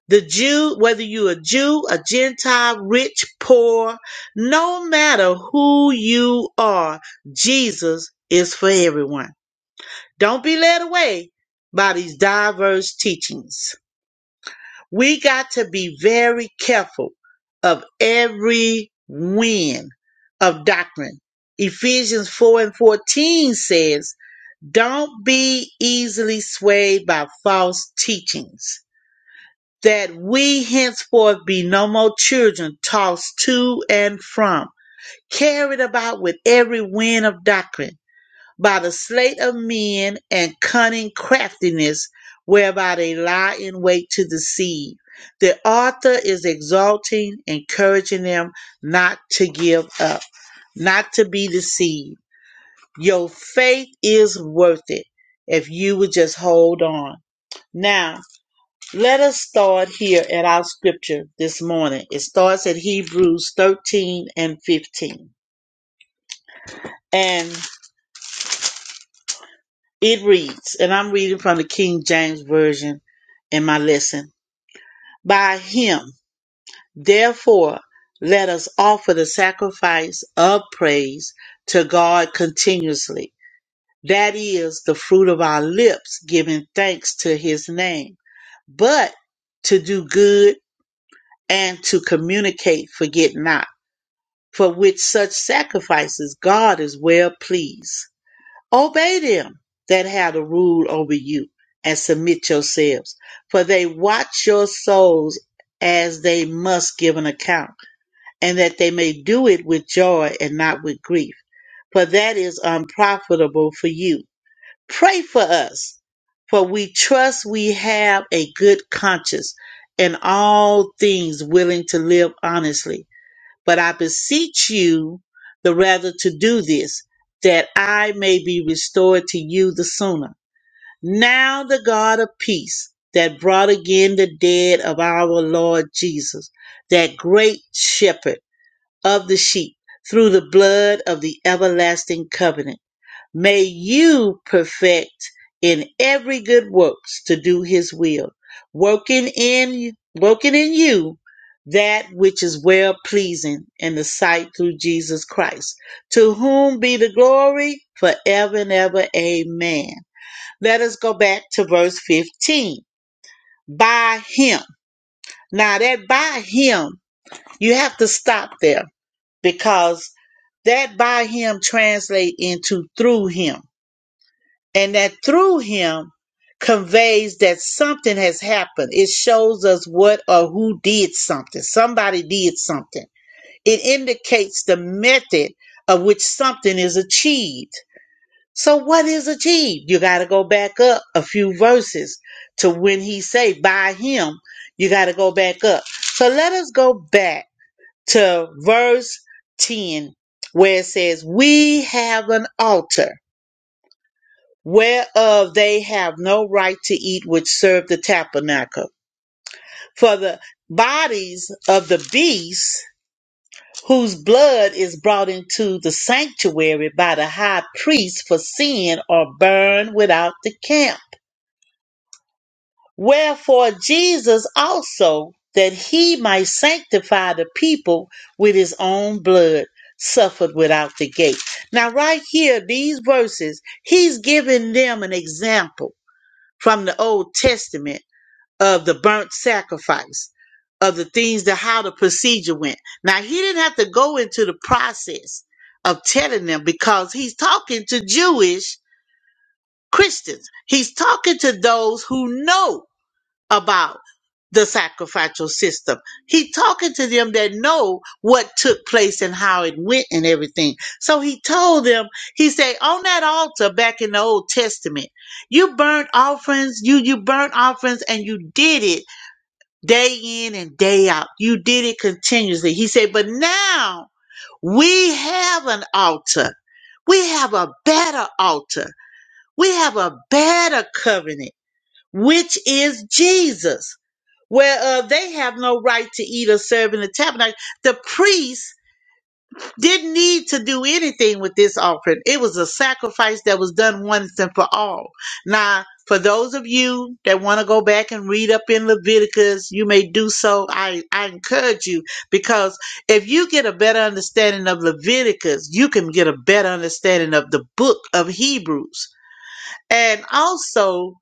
The Jew, whether you a Jew, a Gentile, rich, poor, no matter who you are, Jesus is for everyone. Don't be led away by these diverse teachings. We got to be very careful of every wind of doctrine. Ephesians 4 and 14 says, Don't be easily swayed by false teachings, that we henceforth be no more children tossed to and from, carried about with every wind of doctrine by the sleight of men and cunning craftiness whereby they lie in wait to deceive. The author is exalting, encouraging them not to give up, not to be deceived. Your faith is worth it if you would just hold on. Now, let us start here at our scripture this morning. It starts at Hebrews 13 and 15. and It reads, and I'm reading from the King James Version in my lesson. By him, therefore, let us offer the sacrifice of praise to God continuously. That is the fruit of our lips, giving thanks to his name. But to do good and to communicate, forget not, for which such sacrifices God is well pleased. Obey them that have the rule over you and submit yourselves, for they watch your souls as they must give an account, and that they may do it with joy and not with grief, for that is unprofitable for you. Pray for us, for we trust we have a good conscience in all things willing to live honestly but I beseech you the rather to do this, that I may be restored to you the sooner. Now the God of peace that brought again the dead of our Lord Jesus, that great shepherd of the sheep, through the blood of the everlasting covenant May you perfect in every good works to do his will, working in working in you that which is well pleasing in the sight through Jesus Christ, to whom be the glory forever and ever. Amen. Let us go back to verse 15. By him. Now that by him, you have to stop there because that by him translate into through him and that through him conveys that something has happened. It shows us what or who did something. Somebody did something. It indicates the method of which something is achieved. So what is achieved? You got to go back up a few verses to when he say by him. You got to go back up. So let us go back to verse 10 where it says we have an altar whereof they have no right to eat which serve the tabernacle. For the bodies of the beasts whose blood is brought into the sanctuary by the high priest for sin are burned without the camp. Wherefore Jesus also, that he might sanctify the people with his own blood, suffered without the gate. Now, right here, these verses, he's giving them an example from the Old Testament of the burnt sacrifice, of the things that how the procedure went. Now, he didn't have to go into the process of telling them because he's talking to Jewish Christians. He's talking to those who know about the sacrificial system. He talking to them that know what took place and how it went and everything. So he told them, he said, on that altar back in the Old Testament, you burnt offerings, you you burnt offerings and you did it day in and day out. You did it continuously. He said, but now we have an altar. We have a better altar. We have a better covenant, which is Jesus whereof they have no right to eat or serve in the tabernacle. The priest didn't need to do anything with this offering. It was a sacrifice that was done once and for all. Now, for those of you that want to go back and read up in Leviticus, you may do so. I, I encourage you because if you get a better understanding of Leviticus, you can get a better understanding of the book of Hebrews and also,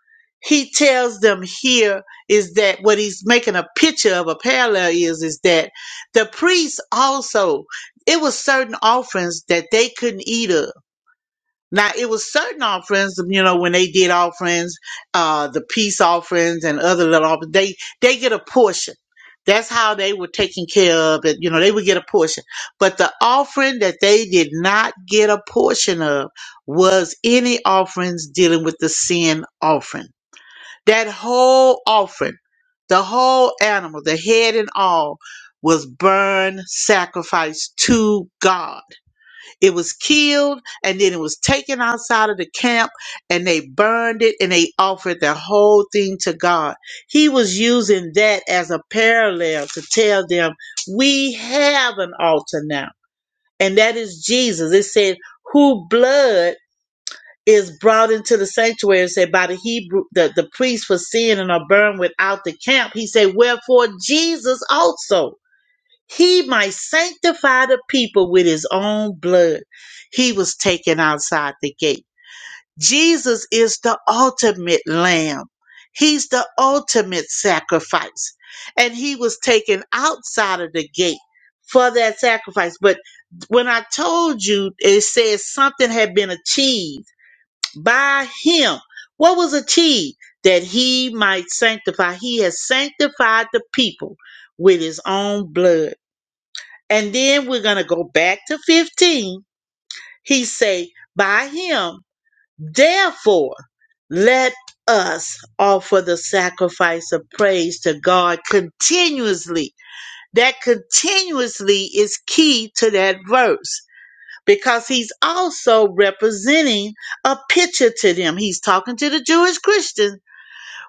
he tells them here is that what he's making a picture of a parallel is is that the priests also it was certain offerings that they couldn't eat of now it was certain offerings, you know, when they did offerings, uh, the peace offerings and other little offerings, they they get a portion. That's how they were taken care of. That you know they would get a portion, but the offering that they did not get a portion of was any offerings dealing with the sin offering. That whole offering, the whole animal, the head and all, was burned sacrifice to God it was killed and then it was taken outside of the camp and they burned it and they offered the whole thing to God. He was using that as a parallel to tell them, we have an altar now. And that is Jesus. It said, who blood is brought into the sanctuary. It said by the Hebrew, the, the priest for sin and are burned without the camp. He said, wherefore Jesus also he might sanctify the people with his own blood. He was taken outside the gate. Jesus is the ultimate lamb. He's the ultimate sacrifice. And he was taken outside of the gate for that sacrifice. But when I told you, it says something had been achieved by him. What was achieved? That he might sanctify. He has sanctified the people with his own blood and then we're going to go back to 15. He say, by him, therefore, let us offer the sacrifice of praise to God continuously. That continuously is key to that verse because he's also representing a picture to them. He's talking to the Jewish Christians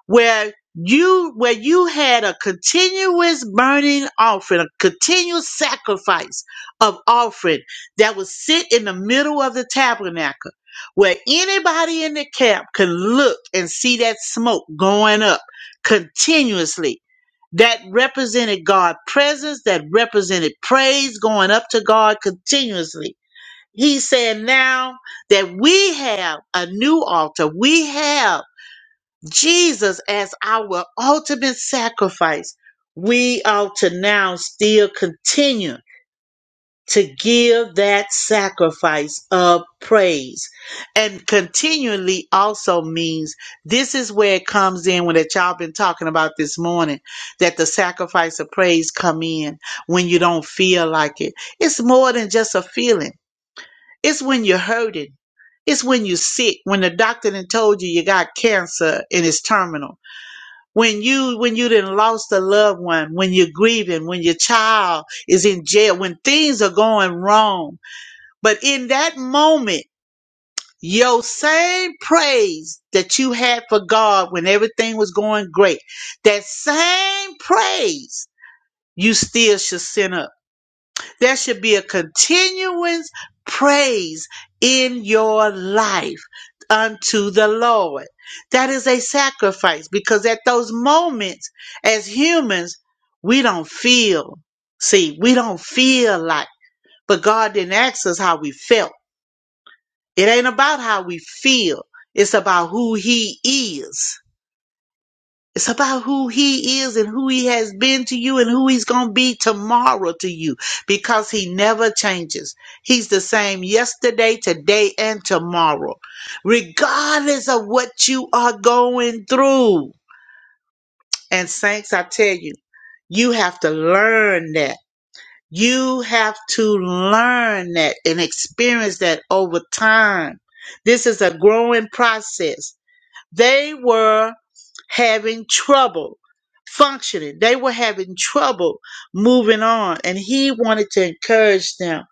where you where you had a continuous burning offering, a continuous sacrifice of offering that would sit in the middle of the tabernacle, where anybody in the camp can look and see that smoke going up continuously. That represented God's presence, that represented praise going up to God continuously. He said now that we have a new altar. We have Jesus as our ultimate sacrifice, we ought to now still continue to give that sacrifice of praise. And continually also means this is where it comes in when that y'all been talking about this morning, that the sacrifice of praise come in when you don't feel like it. It's more than just a feeling. It's when you're hurting. It's when you're sick, when the doctor done told you you got cancer and it's terminal when you when you done lost a loved one when you're grieving when your child is in jail when things are going wrong but in that moment your same praise that you had for god when everything was going great that same praise you still should send up there should be a continuous praise in your life unto the Lord. That is a sacrifice because at those moments, as humans, we don't feel. See, we don't feel like, but God didn't ask us how we felt. It ain't about how we feel. It's about who he is. It's about who he is and who he has been to you and who he's going to be tomorrow to you because he never changes. He's the same yesterday, today, and tomorrow, regardless of what you are going through. And, saints, I tell you, you have to learn that. You have to learn that and experience that over time. This is a growing process they were having trouble functioning. They were having trouble moving on. And he wanted to encourage them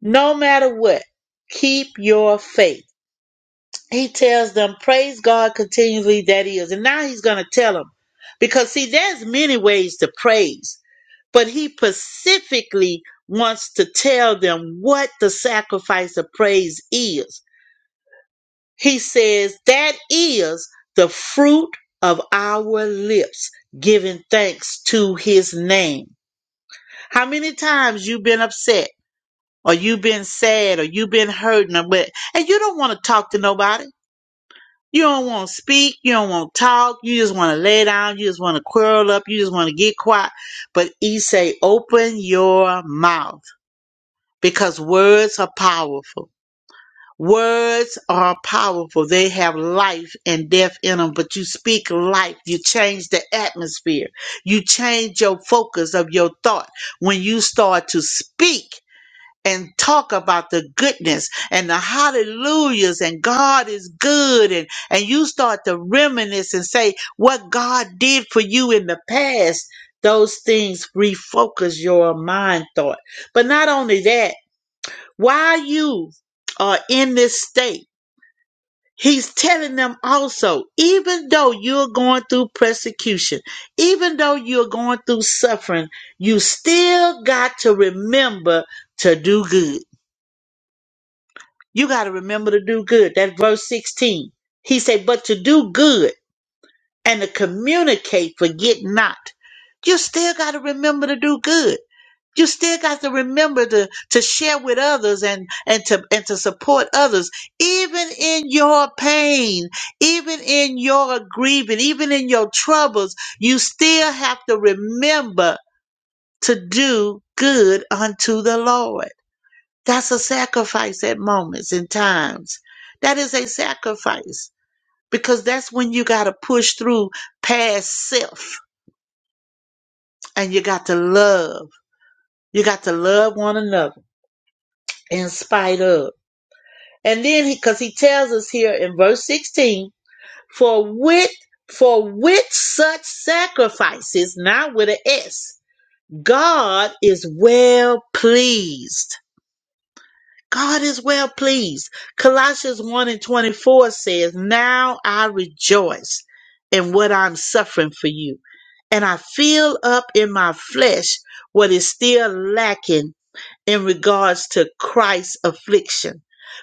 no matter what, keep your faith. He tells them, praise God continually that he is. And now he's going to tell them. Because, see, there's many ways to praise, but he specifically wants to tell them what the sacrifice of praise is He says, That is the fruit of our lips, giving thanks to his name. How many times you been upset or you been sad or you been hurting or what and you don't want to talk to nobody. You don't want to speak, you don't want to talk, you just want to lay down, you just want to curl up, you just want to get quiet. But he say, open your mouth because words are powerful. Words are powerful. They have life and death in them, but you speak life. You change the atmosphere. You change your focus of your thought when you start to speak and talk about the goodness and the hallelujahs and God is good and, and you start to reminisce and say what God did for you in the past. Those things refocus your mind thought. But not only that, while you are in this state, He's telling them also, even though you're going through persecution, even though you're going through suffering, you still got to remember to do good. You got to remember to do good. That's verse 16. He said, but to do good and to communicate, forget not. You still got to remember to do good you still got to remember to to share with others and and to and to support others even in your pain even in your grieving even in your troubles you still have to remember to do good unto the lord that's a sacrifice at moments and times that is a sacrifice because that's when you got to push through past self and you got to love you got to love one another in spite of And then he because he tells us here in verse 16, for with for with such sacrifices, not with an S, God is well pleased. God is well pleased. Colossians 1 and 24 says, Now I rejoice in what I'm suffering for you. And I fill up in my flesh what is still lacking in regards to Christ's affliction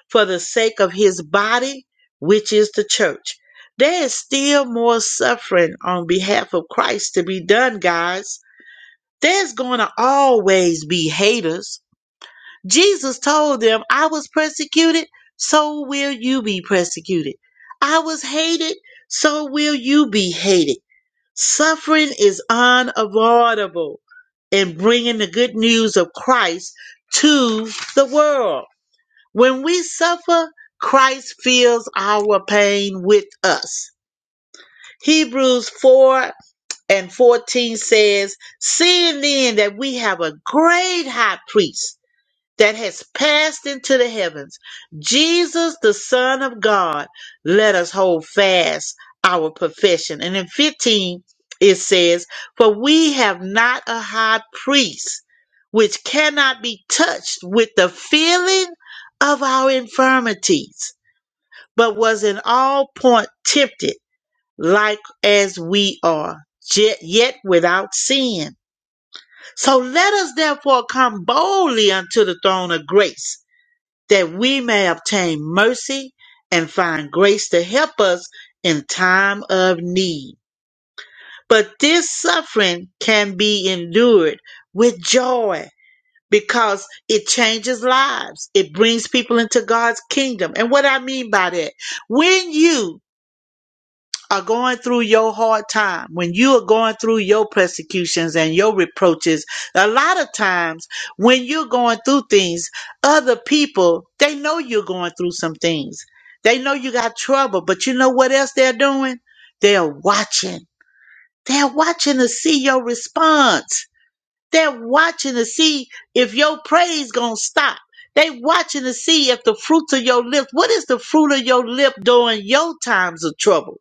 for the sake of his body, which is the church. There is still more suffering on behalf of Christ to be done, guys. There's going to always be haters. Jesus told them, I was persecuted, so will you be persecuted. I was hated, so will you be hated. Suffering is unavoidable in bringing the good news of Christ to the world. When we suffer, Christ feels our pain with us. Hebrews 4 and 14 says, Seeing then that we have a great high priest that has passed into the heavens, Jesus, the Son of God, let us hold fast our profession. And in 15, it says, For we have not a high priest which cannot be touched with the feeling of our infirmities, but was in all point tempted like as we are, yet yet without sin. So let us therefore come boldly unto the throne of grace that we may obtain mercy and find grace to help us in time of need. But this suffering can be endured with joy because it changes lives. It brings people into God's kingdom. And what I mean by that, when you are going through your hard time, when you are going through your persecutions and your reproaches, a lot of times when you're going through things, other people, they know you're going through some things. They know you got trouble, but you know what else they're doing? They're watching. They're watching to see your response. They're watching to see if your praise gonna stop. They watching to see if the fruit of your lips, what is the fruit of your lip during your times of trouble?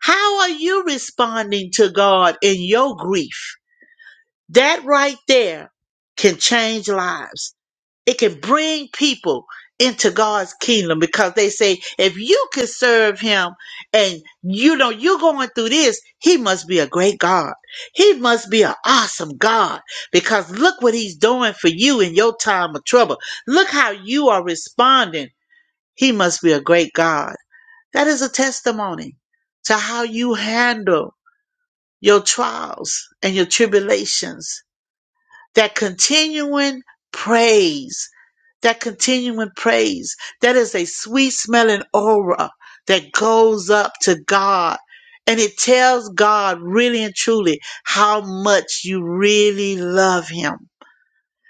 How are you responding to God in your grief? That right there can change lives. It can bring people into God's kingdom because they say, if you can serve him and you know you're going through this, he must be a great God. He must be an awesome God because look what he's doing for you in your time of trouble. Look how you are responding. He must be a great God. That is a testimony to how you handle your trials and your tribulations, that continuing praise, that continuing praise, that is a sweet smelling aura that goes up to God. And it tells God really and truly how much you really love Him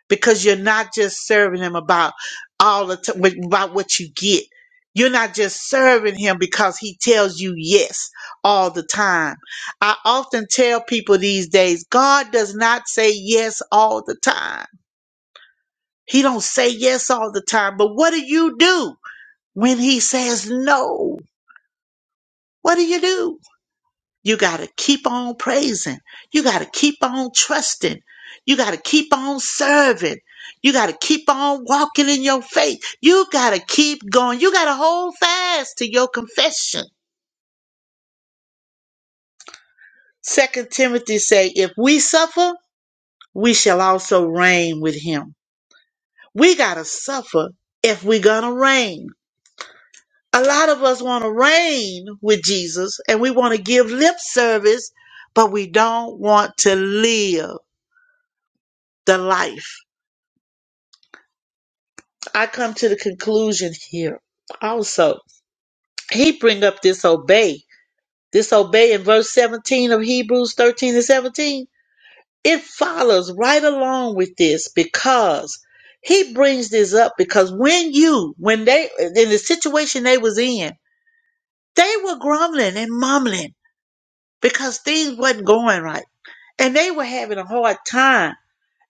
because you're not just serving him about all the time about what you get. You're not just serving him because he tells you yes all the time. I often tell people these days, God does not say yes all the time. He don't say yes all the time, but what do you do when he says no? What do you do? You got to keep on praising. You got to keep on trusting. You got to keep on serving. You got to keep on walking in your faith. You got to keep going. You got to hold fast to your confession. Second Timothy say, if we suffer, we shall also reign with him. We got to suffer if we're going to reign. A lot of us want to reign with Jesus and we want to give lip service, but we don't want to live the life. I come to the conclusion here also. He bring up disobey. Disobey in verse 17 of Hebrews 13 and 17. It follows right along with this because he brings this up because when you, when they, in the situation they was in, they were grumbling and mumbling because things wasn't going right. And they were having a hard time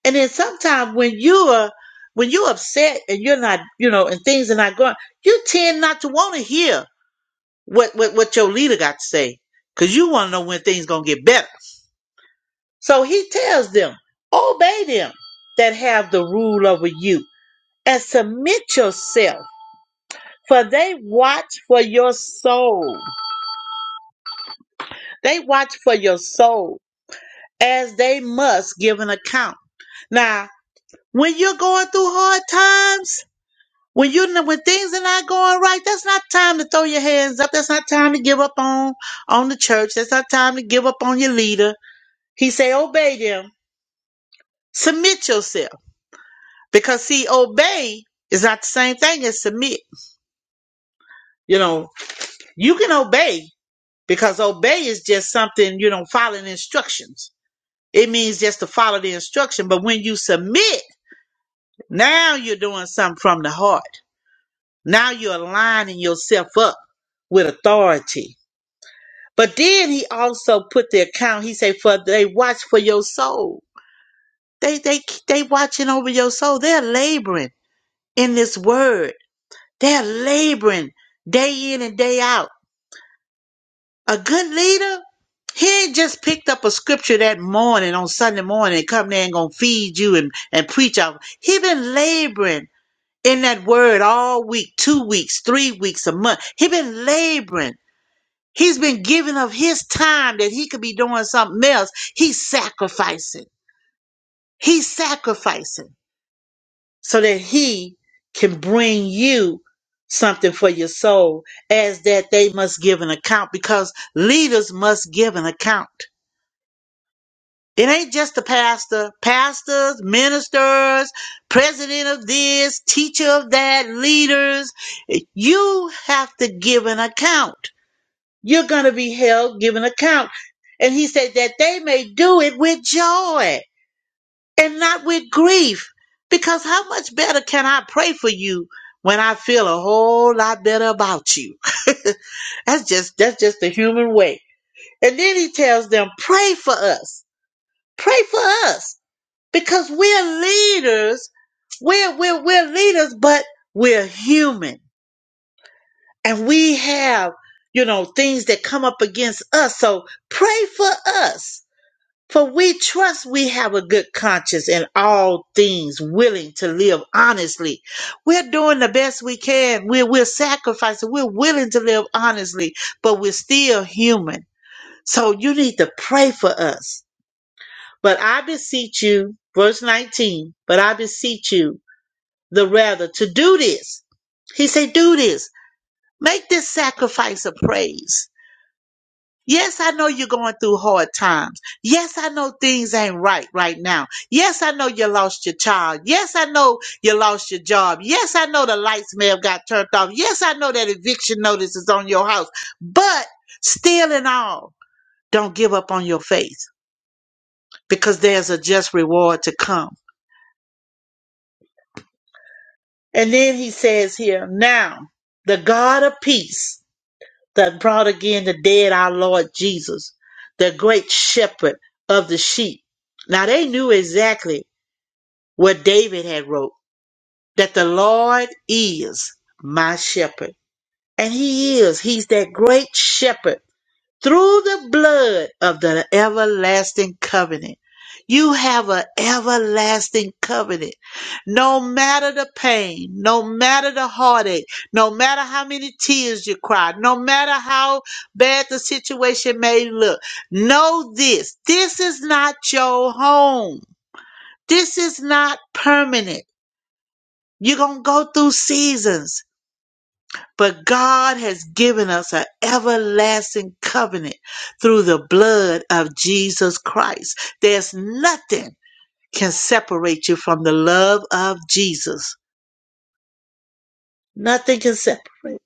And then sometimes when you're when you're upset and you're not, you know, and things are not going, you tend not to want to hear what, what what your leader got to say, because you want to know when things gonna get better. So he tells them, obey them that have the rule over you, and submit yourself, for they watch for your soul. They watch for your soul as they must give an account. Now, when you're going through hard times When you know when things are not going right, that's not time to throw your hands up. That's not time to give up on on the church. That's not time to give up on your leader. He say, obey them, submit yourself, because see, obey is not the same thing as submit. You know, you can obey because obey is just something you know following instructions. It means just to follow the instruction. But when you submit, now you're doing something from the heart. Now you're aligning yourself up with authority But then he also put the account. He said, "For they watch for your soul. They they they watching over your soul. They're laboring in this word. They're laboring day in and day out. A good leader, he ain't just picked up a scripture that morning on Sunday morning and come there and gonna feed you and and preach out. He been laboring in that word all week, two weeks, three weeks, a month. He been laboring. He's been giving of his time that he could be doing something else. He's sacrificing. He's sacrificing so that he can bring you something for your soul as that they must give an account because leaders must give an account. It ain't just the pastor, pastors, ministers, president of this, teacher of that, leaders. You have to give an account. You're going to be held, given account. And he said that they may do it with joy and not with grief. Because how much better can I pray for you when I feel a whole lot better about you? that's just, that's just the human way. And then he tells them, pray for us. Pray for us. Because we're leaders. We're, we're, we're leaders, but we're human and we have you know things that come up against us so pray for us for we trust we have a good conscience in all things willing to live honestly we're doing the best we can we're, we're sacrificing we're willing to live honestly but we're still human so you need to pray for us but i beseech you verse 19 but i beseech you the rather to do this he said do this make this sacrifice of praise Yes, I know you're going through hard times. Yes, I know things ain't right right now. Yes, I know you lost your child. Yes, I know you lost your job. Yes, I know the lights may have got turned off. Yes, I know that eviction notice is on your house. But still and all, don't give up on your faith because there's a just reward to come. And then he says here, now the God of peace that brought again the dead our Lord Jesus, the great shepherd of the sheep. Now they knew exactly what David had wrote, that the Lord is my shepherd. And he is, he's that great shepherd through the blood of the everlasting covenant. You have an everlasting covenant. No matter the pain, no matter the heartache, no matter how many tears you cry, no matter how bad the situation may look, know this. This is not your home. This is not permanent. You're going to go through seasons. But God has given us an everlasting covenant through the blood of Jesus Christ. There's nothing can separate you from the love of Jesus. Nothing can separate.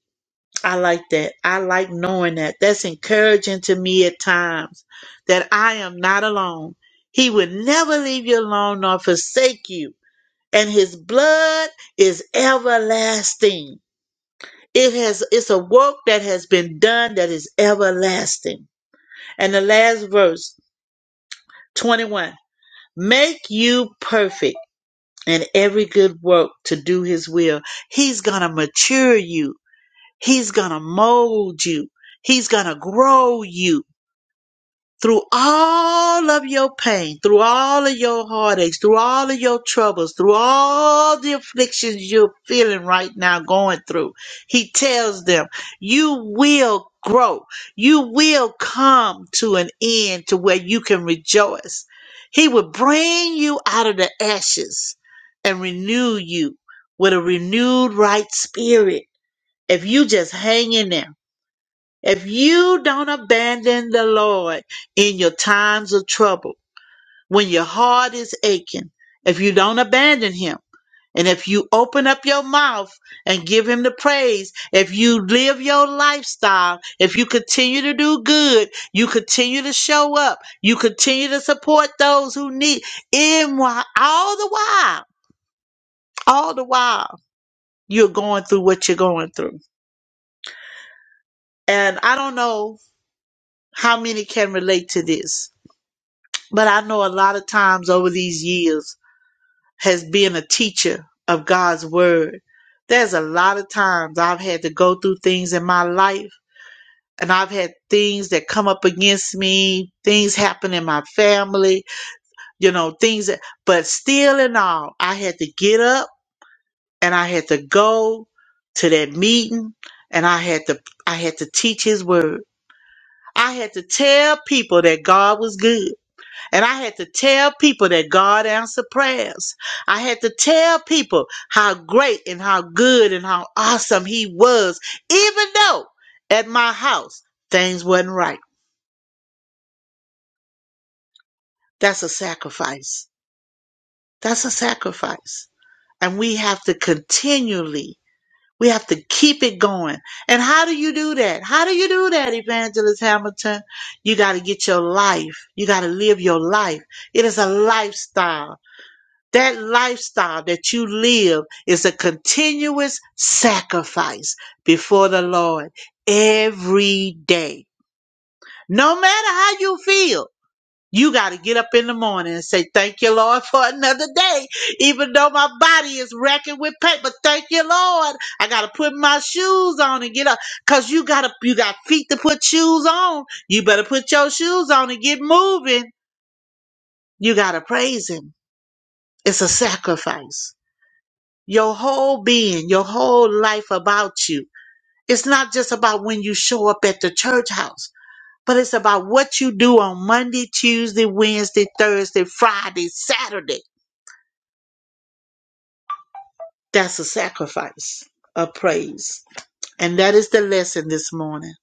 I like that. I like knowing that. That's encouraging to me at times that I am not alone. He will never leave you alone nor forsake you. And his blood is everlasting. it has it's a work that has been done that is everlasting and the last verse 21 make you perfect in every good work to do his will he's gonna mature you he's gonna mold you he's gonna grow you through all of your pain, through all of your heartaches, through all of your troubles, through all the afflictions you're feeling right now going through, he tells them, you will grow. You will come to an end to where you can rejoice. He will bring you out of the ashes and renew you with a renewed right spirit. If you just hang in there if you don't abandon the Lord in your times of trouble, when your heart is aching, if you don't abandon Him, and if you open up your mouth and give Him the praise, if you live your lifestyle, if you continue to do good, you continue to show up, you continue to support those who need, in while, all the while, all the while, you're going through what you're going through. And I don't know how many can relate to this But I know a lot of times over these years, has been a teacher of God's word, there's a lot of times I've had to go through things in my life and I've had things that come up against me, things happen in my family, you know, things that, but still and all, I had to get up and I had to go to that meeting and I had to, I had to teach his word. I had to tell people that God was good. And I had to tell people that God answered prayers. I had to tell people how great and how good and how awesome He was, even though at my house things wasn't right. That's a sacrifice. That's a sacrifice. And we have to continually, we have to keep it going. And how do you do that? How do you do that, Evangelist Hamilton? You got to get your life. You got to live your life. It is a lifestyle. That lifestyle that you live is a continuous sacrifice before the Lord every day. No matter how you feel, you got to get up in the morning and say, Thank you, Lord, for another day. Even though my body is racking with pain, but thank you, Lord. I got to put my shoes on and get up because you got to, you got feet to put shoes on. You better put your shoes on and get moving. You got to praise Him. It's a sacrifice. your whole being, your whole life about you. It's not just about when you show up at the church house, but it's about what you do on Monday, Tuesday, Wednesday, Thursday, Friday, Saturday. That's a sacrifice of praise. And that is the lesson this morning.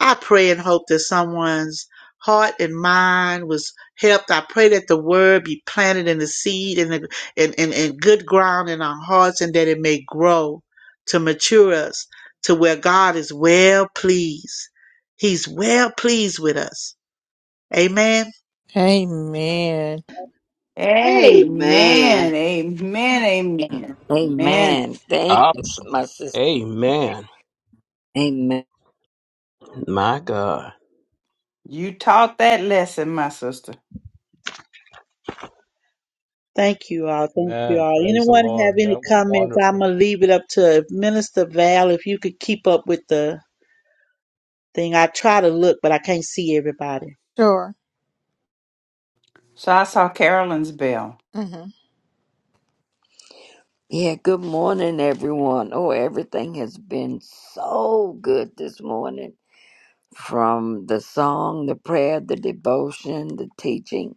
I pray and hope that someone's heart and mind was helped. I pray that the word be planted in the seed and the, in, in, in good ground in our hearts and that it may grow to mature us to where God is well pleased. He's well pleased with us. Amen.
Amen.
Amen.
Amen.
Amen. Amen. Amen.
amen thank you
Awesome.
my sister
Amen.
Amen.
My God.
You taught that lesson, my sister.
Thank you all. Thank you
Amen.
all.
Praise the
Anyone have
Lord.
any
That was
comments? I'm
wonderful.
going to leave it up to Minister Val if you could keep up with the thing. I try to look, but I can't see everybody.
Sure.
So I saw Carolyn's bell.
hmm
Yeah, good morning, everyone. Oh, everything has been so good this morning from the song, the prayer, the devotion, the teaching.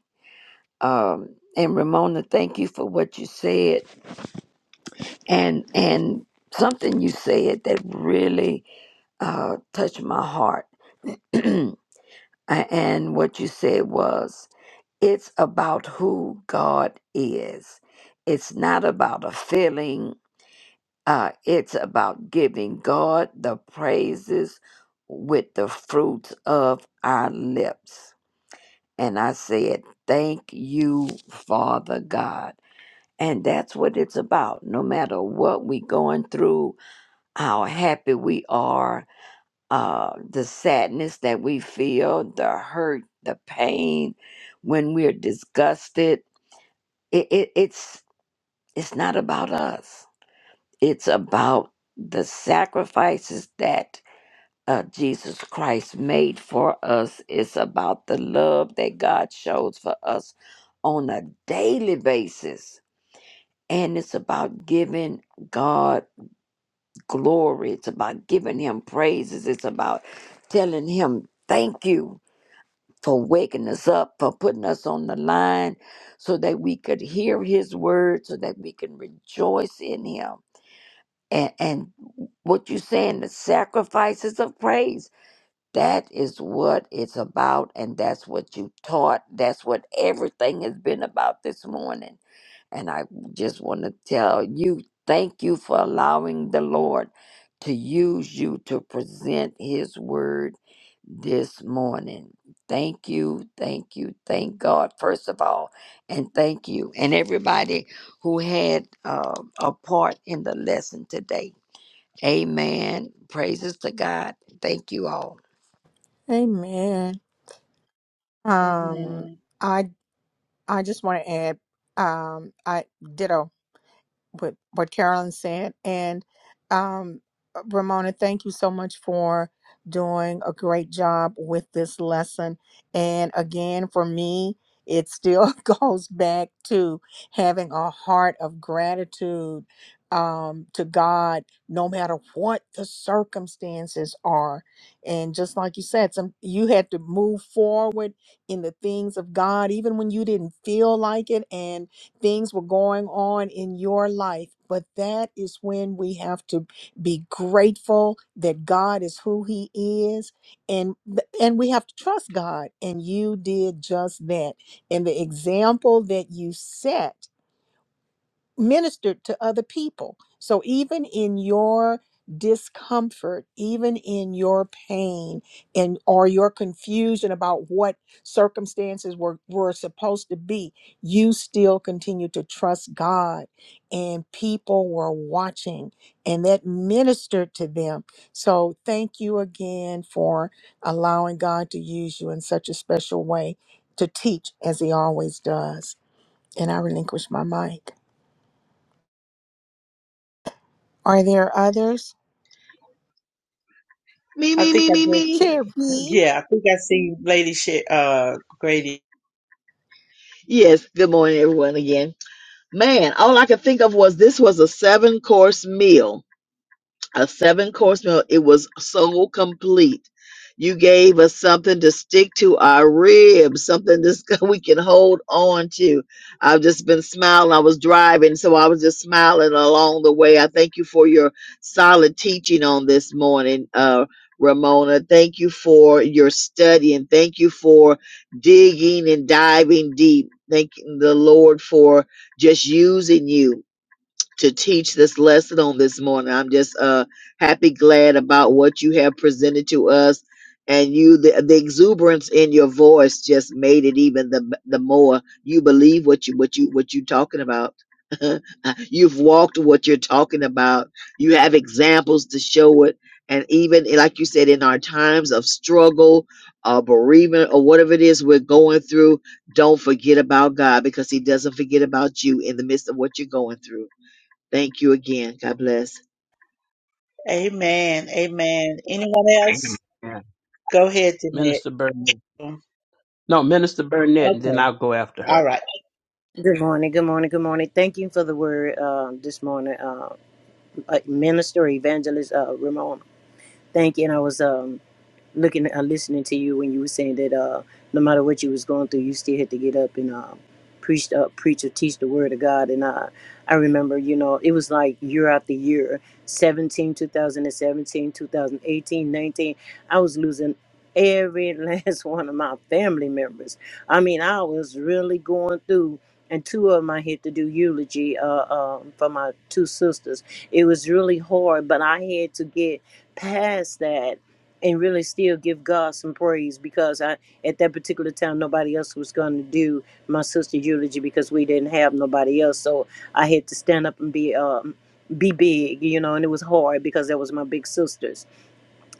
Um, and Ramona, thank you for what you said. And, and something you said that really uh, touched my heart. A- and what you said was, it's about who God is. It's not about a feeling Uh, it's about giving God the praises with the fruits of our lips. And I said, Thank you, Father God. And that's what it's about. No matter what we're going through, how happy we are, uh, the sadness that we feel, the hurt, the pain, when we're disgusted, it, it, it's it's not about us. It's about the sacrifices that uh, Jesus Christ made for us. It's about the love that God shows for us on a daily basis. And it's about giving God glory. It's about giving Him praises. It's about telling Him thank you for waking us up, for putting us on the line so that we could hear His word, so that we can rejoice in Him. And, and what you saying, the sacrifices of praise. That is what it's about, and that's what you taught. That's what everything has been about this morning. And I just want to tell you thank you for allowing the Lord to use you to present His word this morning. Thank you, thank you, thank God, first of all, and thank you, and everybody who had uh, a part in the lesson today. Amen. Praises to God. Thank you all.
Amen. Um,
Amen.
I I just want to add. Um, I ditto. with what Carolyn said. And um, uh, Ramona, thank you so much for doing a great job with this lesson. And again, for me, it still goes back to having a heart of gratitude um, to God, no matter what the circumstances are. And just like you said, some you had to move forward in the things of God, even when you didn't feel like it. And things were going on in your life. But that is when we have to be grateful that God is who He is, and and we have to trust God. And you did just that. And the example that you set ministered to other people. So even in your discomfort, even in your pain and or your confusion about what circumstances were, were supposed to be, you still continue to trust God and people were watching and that ministered to them. So thank you again for allowing God to use you in such a special way to teach as he always does. And I relinquish my mic. Are there others?
I think I just,
Chair B.
yeah, I think I see Lady Sha- uh, Grady.
Yeah, man, all I could think of was this was a seven course meal. a seven course meal. It was so complete. You gave us something to stick to our ribs, something this we can hold on to. I've just been smiling. I was driving, so I was just smiling along the way. I thank you for your solid teaching on this morning, uh, Ramona. Thank you for your study and thank you for digging and diving deep. Thank the Lord for just using you to teach this lesson on this morning. I'm just uh happy, glad about what you have presented to us, and you the, the exuberance in your voice just made it even the the more you believe what you what you what you talking about. You've walked what you're talking about. You have examples to show it, and even like you said, in our times of struggle, uh, bereavement, or whatever it is we're going through, don't forget about God because He doesn't forget about you in the midst of what you're going through. Thank you again. God bless.
Amen. Amen. Anyone else?
Amen.
Go ahead, Jeanette.
Minister Burnett. No, Minister Burnett, and then
Okay.
I'll go after
All
her.
right.
Good morning, good morning, good morning. Thank you for the word um, this morning, uh, uh, Minister Evangelist uh, Ramon. Thank you. And I was um, looking and uh, listening to you when you were saying that uh, no matter what you was going through, you still had to get up and um, preach, uh, preach or teach the word of God. And uh, I remember, you know, it was like year after year, 17, 2017, 2018, 19. I was losing every last one of my family members. I mean, I was really going through and two of them I had to do eulogy uh, um, for my two sisters. It was really hard, but I had to get past that and really still give God some praise because I at that particular time nobody else was going to do my sister's eulogy because we didn't have nobody else. So I had to stand up and be um be big, you know, and it was hard because that was my big sisters.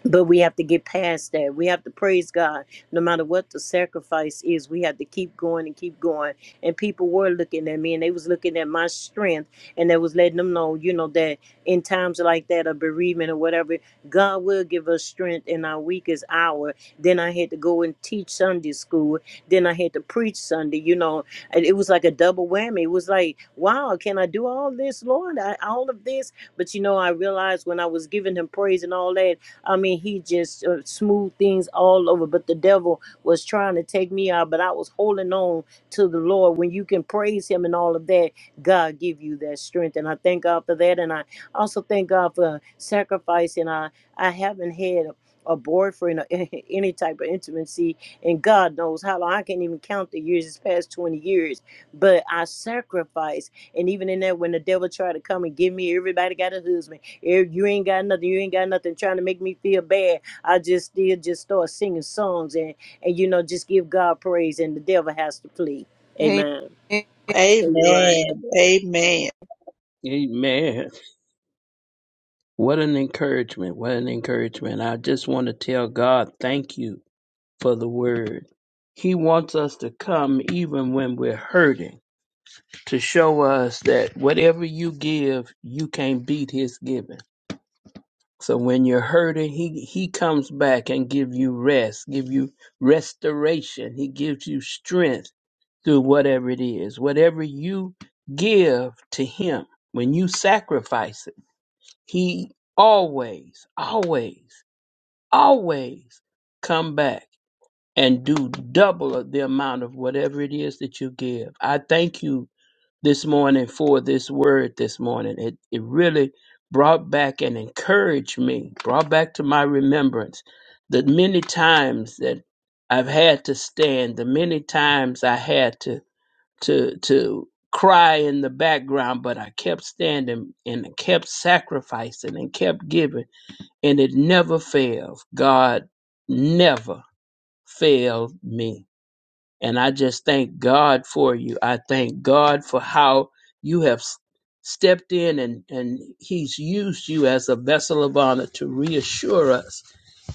But we have to get past that. We have to praise God. No matter what the sacrifice is, we have to keep going and keep going. And people were looking at me and they was looking at my strength and they was letting them know, you know, that in times like that of bereavement or whatever, God will give us strength in our weakest hour. Then I had to go and teach Sunday school. Then I had to preach Sunday, you know. And it was like a double whammy. It was like, wow, can I do all this, Lord? I, all of this? But you know, I realized when I was giving him praise and all that, I mean, he just uh, smoothed things all over. But the devil was trying to take me out, but I was holding on to the Lord. When you can praise Him and all of that, God give you that strength. And I thank God for that. And I also thank God for sacrificing. I I haven't had a a boyfriend or any type of intimacy, and God knows how long I can't even count the years. It's past 20 years, but I sacrificed. And even in that, when the devil tried to come and give me, everybody got a husband. If you ain't got nothing, you ain't got nothing trying to make me feel bad. I just still just start singing songs and and you know just give God praise and the devil has to flee.
Amen.
Amen. So you're right.
Amen. Amen.
Amen. What an encouragement. What an encouragement. I just want to tell God, thank you for the word. He wants us to come even when we're hurting to show us that whatever you give, you can't beat his giving. So when you're hurting, he he comes back and give you rest, give you restoration. He gives you strength through whatever it is. Whatever you give to him, when you sacrifice it, he always, always, always come back and do double of the amount of whatever it is that you give. I thank you this morning for this word this morning. It it really brought back and encouraged me, brought back to my remembrance the many times that I've had to stand, the many times I had to to to cry in the background, but I kept standing and kept sacrificing and kept giving, and it never failed. God never failed me. And I just thank God for you. I thank God for how you have s- stepped in and, and He's used you as a vessel of honor to reassure us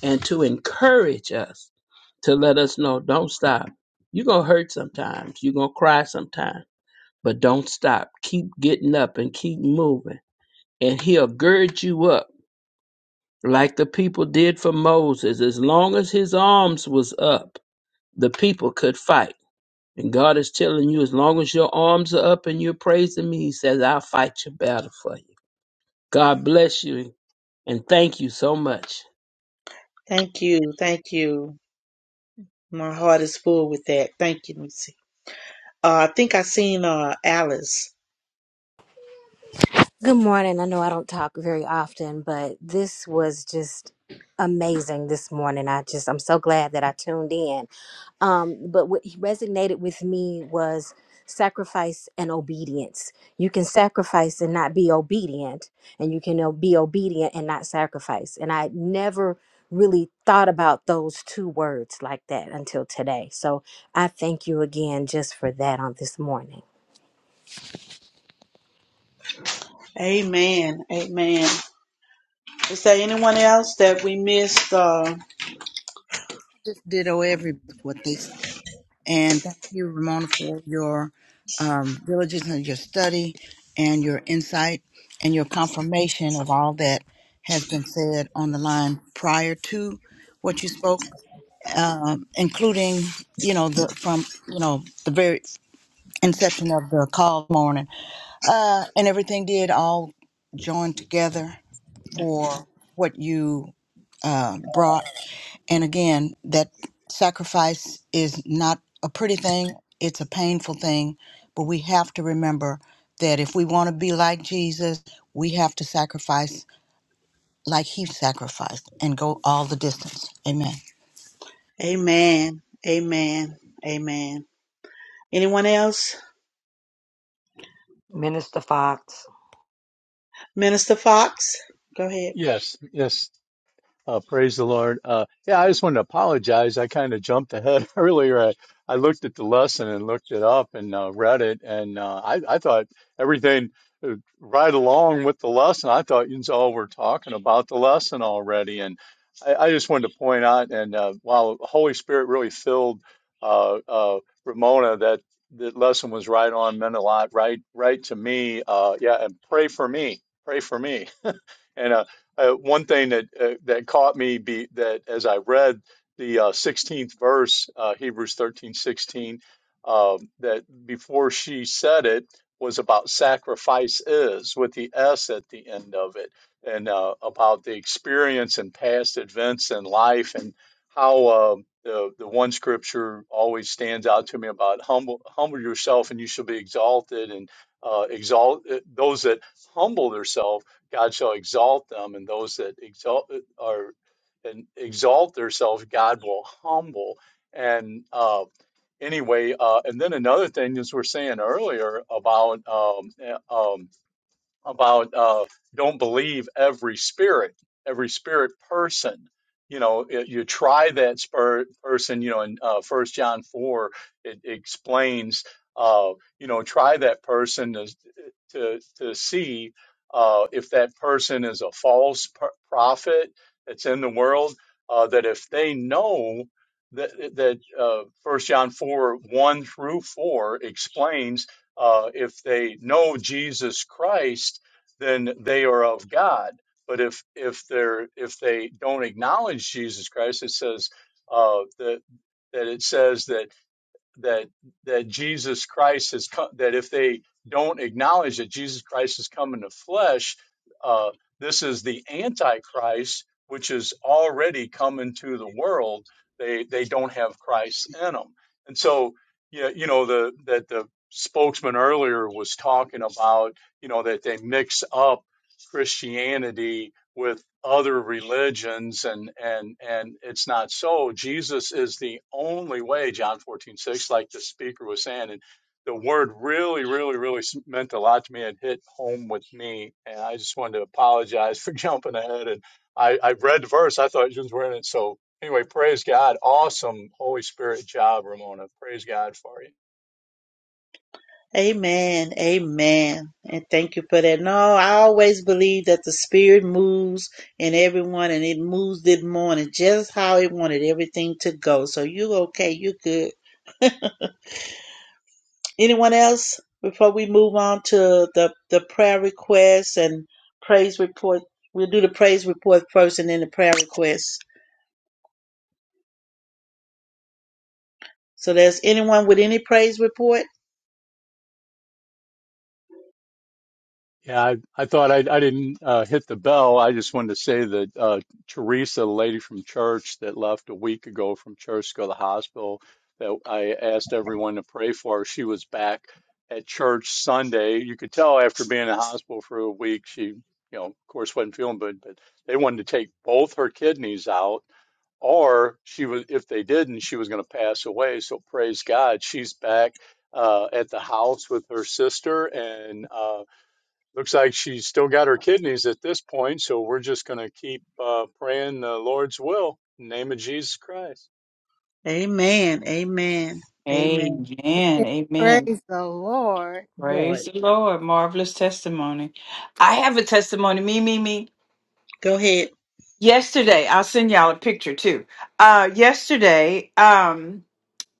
and to encourage us to let us know don't stop. You're going to hurt sometimes, you're going to cry sometimes, but don't stop. Keep getting up and keep moving. And He'll gird you up like the people did for Moses. As long as his arms was up, the people could fight and God is telling you, as long as your arms are up and you're praising me, He says, I'll fight your battle for you. God bless you and thank you so much.
Thank you. Thank you. My heart is full with that. Thank you, Missy. Uh, I think I seen uh, Alice.
Good morning. I know I don't talk very often, but this was just amazing this morning. I just I'm so glad that I tuned in. Um, but what resonated with me was sacrifice and obedience. You can sacrifice and not be obedient, and you can o- be obedient and not sacrifice. And I never really thought about those two words like that until today. So I thank you again just for that on this morning.
Amen. Amen. Is there anyone else that we missed? Uh,
just ditto every what they said. And thank you, Ramona, for your um, diligence and your study and your insight and your confirmation of all that has been said on the line prior to what you spoke, um, including you know the from you know the very inception of the call morning uh, and everything did all join together for what you uh, brought. And again, that sacrifice is not a pretty thing, it's a painful thing. But we have to remember that if we want to be like Jesus, we have to sacrifice like he sacrificed and go all the distance. Amen.
Amen. Amen. Amen. Anyone else?
Minister Fox.
Minister Fox? Go ahead.
Yes, yes. Uh, praise the Lord. Uh, yeah, I just wanted to apologize. I kind of jumped ahead earlier. I, I looked at the lesson and looked it up and uh, read it, and uh, I, I thought everything uh, right along with the lesson. I thought you all were talking about the lesson already, and I, I just wanted to point out. And uh, while the Holy Spirit really filled uh, uh, Ramona, that that lesson was right on, meant a lot, right, right to me. Uh, yeah, and pray for me. Pray for me. And uh, uh, one thing that uh, that caught me be that as I read the uh, 16th verse, uh, Hebrews thirteen sixteen, 16, um, that before she said it was about sacrifice is with the S at the end of it, and uh, about the experience and past events in life and how uh, the the one scripture always stands out to me about humble humble yourself and you shall be exalted and uh, exalt uh, those that humble themselves God shall exalt them, and those that exalt are and exalt themselves, God will humble. And uh, anyway, uh, and then another thing, as we're saying earlier about um, eh, um, about uh, don't believe every spirit, every spirit person. You know, it, you try that spirit person. You know, in uh, First John four, it, explains. Uh, you know, try that person to to, to see uh, if that person is a false pr- prophet that's in the world. Uh, that if they know that that uh, First John four one through four explains uh, if they know Jesus Christ, then they are of God. But if if they're if they don't acknowledge Jesus Christ, it says uh, that that it says that that that Jesus Christ has come that if they don't acknowledge that Jesus Christ has come in the flesh, uh, this is the antichrist which has already come into the world. They they don't have Christ in them, and so yeah, you know the that the spokesman earlier was talking about you know that they mix up Christianity with other religions and and and it's not so jesus is the only way john 14:6. like the speaker was saying and the word really really really meant a lot to me and hit home with me and i just wanted to apologize for jumping ahead and i i read the verse i thought you were in it so anyway praise god awesome holy spirit job ramona praise god for you
Amen. Amen. And thank you for that. No, I always believe that the spirit moves in everyone and it moves this morning just how it wanted everything to go. So you okay, you good. Anyone else? Before we move on to the, the prayer requests and praise report, we'll do the praise report first and then the prayer requests. So there's anyone with any praise report?
Yeah, I, I thought I, I didn't uh, hit the bell. I just wanted to say that uh, Teresa, the lady from church that left a week ago from church to go to the hospital, that I asked everyone to pray for, she was back at church Sunday. You could tell after being in the hospital for a week, she, you know, of course, wasn't feeling good, but they wanted to take both her kidneys out, or she was, if they didn't, she was going to pass away. So praise God, she's back uh, at the house with her sister and. uh, Looks like she's still got her kidneys at this point, so we're just going to keep uh, praying the Lord's will in the name of Jesus Christ.
Amen. Amen. Amen.
Amen. Amen.
Lord.
Praise
Lord.
the Lord. Marvelous testimony. I have a testimony. Me, me, me.
Go ahead.
Yesterday, I'll send y'all a picture too. Uh yesterday, um,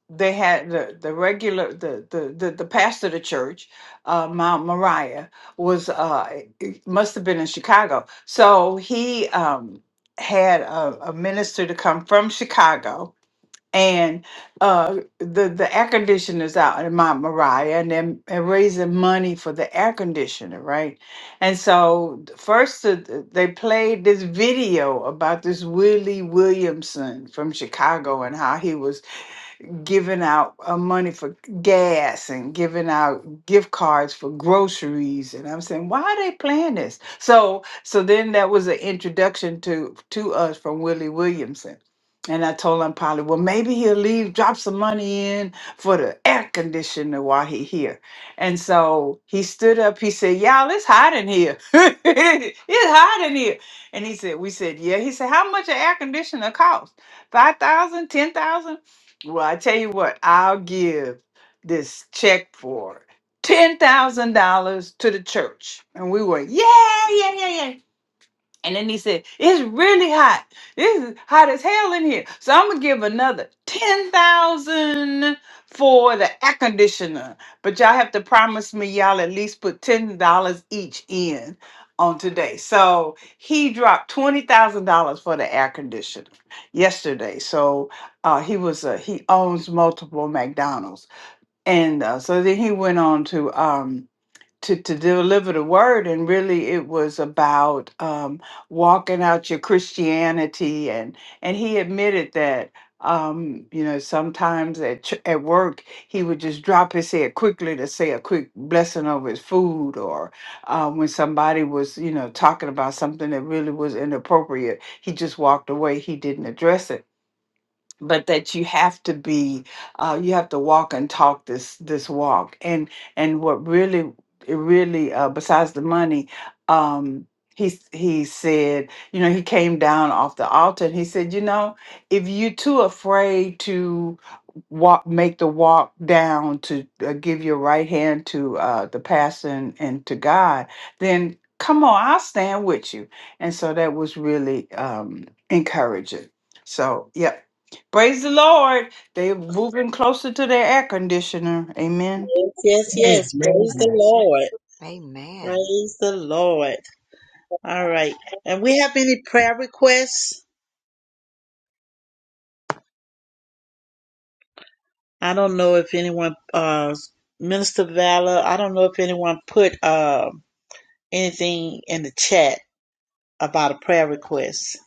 they had the, the regular the, the the the pastor of the church uh mount moriah was uh it must have been in chicago so he um had a, a minister to come from chicago and uh the the air conditioners out in mount moriah and then and raising money for the air conditioner right and so th- first th- th- they played this video about this willie williamson from chicago and how he was giving out uh, money for gas and giving out gift cards for groceries and i'm saying why are they playing this so so then that was an introduction to to us from willie williamson and i told him probably well maybe he'll leave drop some money in for the air conditioner while he here and so he stood up he said y'all it's hot in here it's hot in here and he said we said yeah he said how much an air conditioner cost 5,000, 10,000, well, I tell you what, I'll give this check for ten thousand dollars to the church. And we were, yeah, yeah, yeah, yeah, and then he said, It's really hot. This is hot as hell in here. So I'm gonna give another ten thousand for the air conditioner. But y'all have to promise me y'all at least put ten dollars each in on today. So he dropped twenty thousand dollars for the air conditioner yesterday. So uh, he was uh, he owns multiple McDonald's, and uh, so then he went on to. Um, to, to deliver the word and really it was about um, walking out your christianity and and he admitted that um, you know sometimes at, ch- at work he would just drop his head quickly to say a quick blessing over his food or uh, when somebody was you know talking about something that really was inappropriate he just walked away he didn't address it but that you have to be uh, you have to walk and talk this this walk and and what really it really uh, besides the money um he s- he said you know he came down off the altar and he said you know if you're too afraid to walk make the walk down to uh, give your right hand to uh, the pastor and, and to god then come on i'll stand with you and so that was really um encouraging so, yep, Praise the Lord. They're moving closer to their air conditioner. Amen.
Yes, yes, yes.
Amen.
Praise the Lord.
Amen.
Praise the Lord. All right. And we have any prayer requests? I don't know if anyone uh Minister Valor, I don't know if anyone put uh, anything in the chat about a prayer request.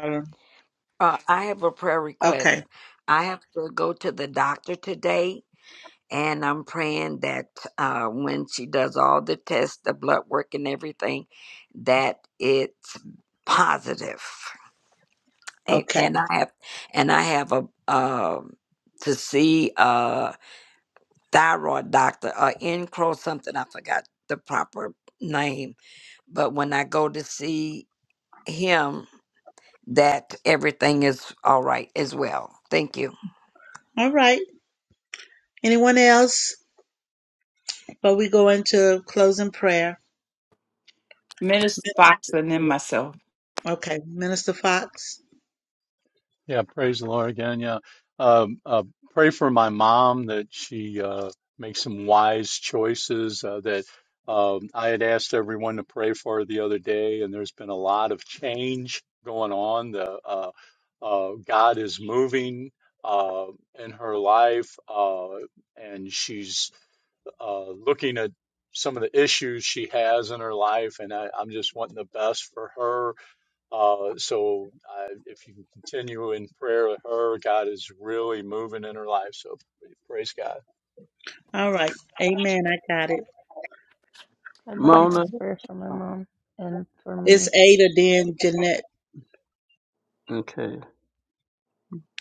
Um,
Uh, I have a prayer
Okay.
request. I have to go to the doctor today, and I'm praying that uh, when she does all the tests, the blood work, and everything, that it's positive. A-
Okay.
And I have, and I have a um to see. uh, thyroid doctor or Encro something. I forgot the proper name. But when I go to see him, that everything is all right as well. Thank you.
All right. Anyone else? But we go into closing prayer.
Minister
Yes.
Fox and then myself.
Okay. Minister Fox.
Yeah, praise the Lord again. Yeah. Um, uh, pray for my mom that she uh, makes some wise choices. Uh, that um, I had asked everyone to pray for her the other day, and there's been a lot of change going on. The uh, uh, God is moving uh, in her life, uh, and she's uh, looking at some of the issues she has in her life, and I, I'm just wanting the best for her. Uh, so I, if you can continue in prayer with her, God is really moving in her life. So praise God.
All right. Amen. I got it.
I'd like to
Mona?
ask prayer for my mom and for
It's
me.
Ada, then Jeanette.
Okay.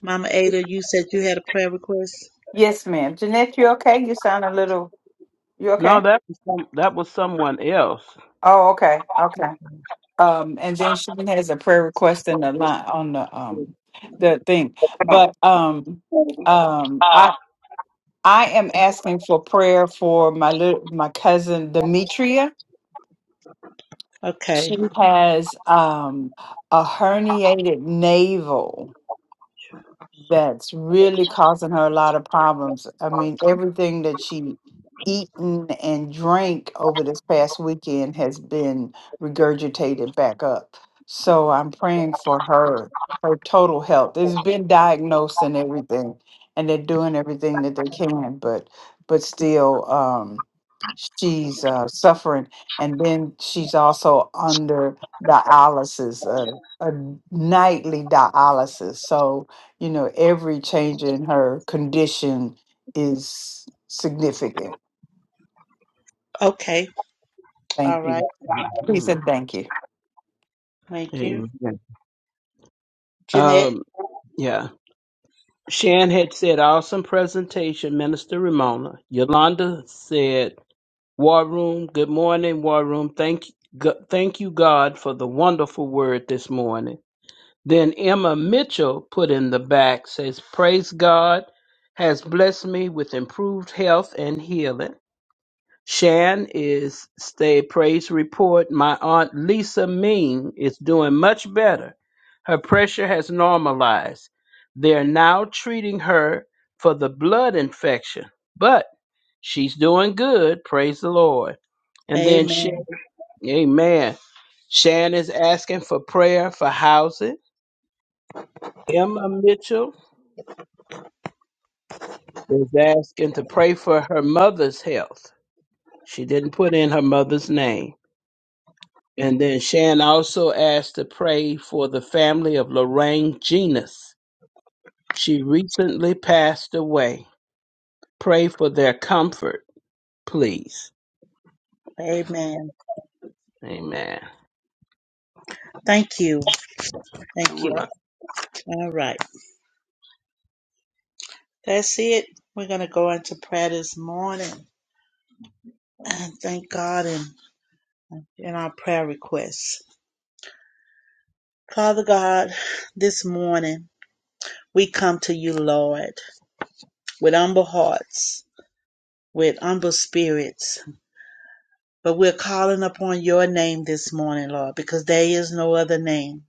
Mama Ada, you said you had a prayer request?
Yes, ma'am. Jeanette, you okay? You sound a little. You
No,
okay?
that was some, that was someone else.
Oh, okay. Okay. Um, and then she has a prayer request in the line on the um the thing. But um um
Uh,
I I am asking for prayer for my little my cousin Demetria.
Okay.
She has um a herniated navel that's really causing her a lot of problems. I mean, everything that she eaten and drank over this past weekend has been regurgitated back up. So I'm praying for her, her total health. It's been diagnosed and everything, and they're doing everything that they can, but but still um she's uh, suffering and then she's also under dialysis, uh, a nightly dialysis. So you know, every change in her condition is significant.
Okay.
Thank
All right.
you. He said,
Mm,
thank you.
Thank you.
amen.
Jeanette.
Um, yeah. Shan had said, awesome presentation, Minister Ramona. Yolanda said, War Room, good morning, War Room. Thank, go- thank you, God, for the wonderful word this morning. Then Emma Mitchell put in the back, says, Praise God has blessed me with improved health and healing. Shan is stay praise report. My aunt Lisa Ming is doing much better. Her pressure has normalized. They're now treating her for the blood infection, but she's doing good. Praise the Lord. And then Shan,
Amen.
amen. Shan is asking for prayer for housing. Emma Mitchell was asking to pray for her mother's health. She didn't put in her mother's name. And then Shan also asked to pray for the family of Lorraine Genus. She recently passed away. Pray for their comfort, please.
Amen.
Amen.
Thank you. Thank you. All right. That's it. We're going to go into prayer this morning and thank God in, in our prayer requests. Father God, this morning we come to you, Lord, with humble hearts, with humble spirits. But we're calling upon your name this morning, Lord, because there is no other name.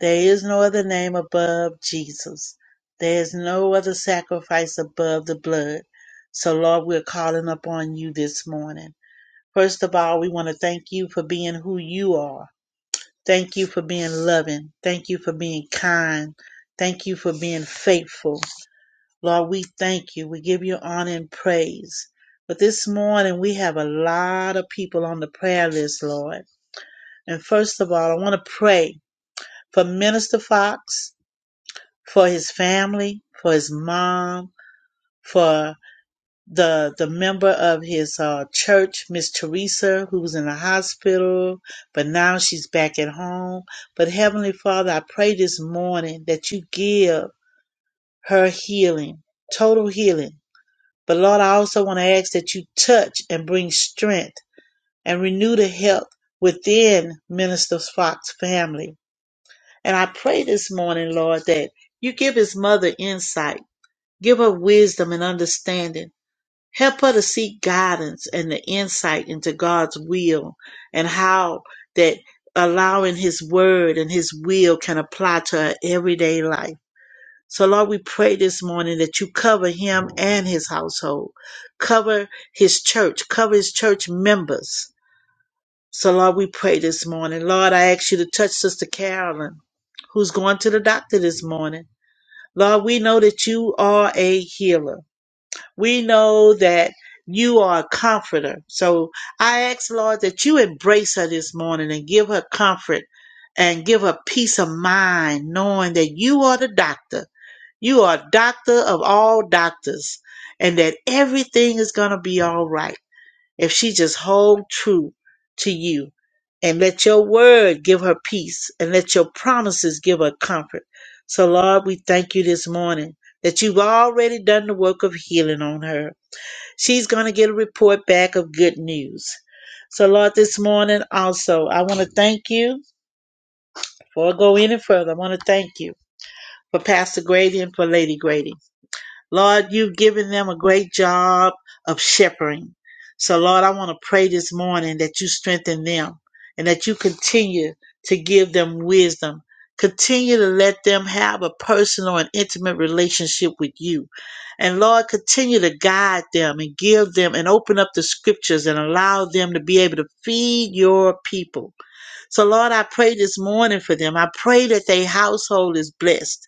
There is no other name above Jesus. There is no other sacrifice above the blood. So, Lord, we're calling upon you this morning. First of all, we want to thank you for being who you are. Thank you for being loving. Thank you for being kind. Thank you for being faithful. Lord, we thank you. We give you honor and praise. But this morning, we have a lot of people on the prayer list, Lord. And first of all, I want to pray for Minister Fox, for his family, for his mom, for the the member of his uh, church, Miss Teresa, who was in the hospital, but now she's back at home. But Heavenly Father, I pray this morning that you give her healing, total healing. But Lord, I also want to ask that you touch and bring strength and renew the health within Minister Fox's family. And I pray this morning, Lord, that you give his mother insight, give her wisdom and understanding. Help her to seek guidance and the insight into God's will and how that allowing his word and his will can apply to her everyday life. So, Lord, we pray this morning that you cover him and his household, cover his church, cover his church members so, Lord, we pray this morning. Lord, I ask you to touch Sister Carolyn, who's going to the doctor this morning. Lord, we know that you are a healer. We know that you are a comforter. So I ask, Lord, that you embrace her this morning and give her comfort and give her peace of mind, knowing that you are the doctor. You are doctor of all doctors and that everything is going to be all right if she just hold true to you and let your word give her peace and let your promises give her comfort. So, Lord, we thank you this morning that you've already done the work of healing on her. She's going to get a report back of good news. So, Lord, this morning also, I want to thank you before I go any further. I want to thank you for Pastor Grady and for Lady Grady. Lord, you've given them a great job of shepherding. So, Lord, I want to pray this morning that you strengthen them and that you continue to give them wisdom. Continue to let them have a personal and intimate relationship with you. And Lord, continue to guide them and give them and open up the scriptures and allow them to be able to feed your people. So, Lord, I pray this morning for them. I pray that their household is blessed.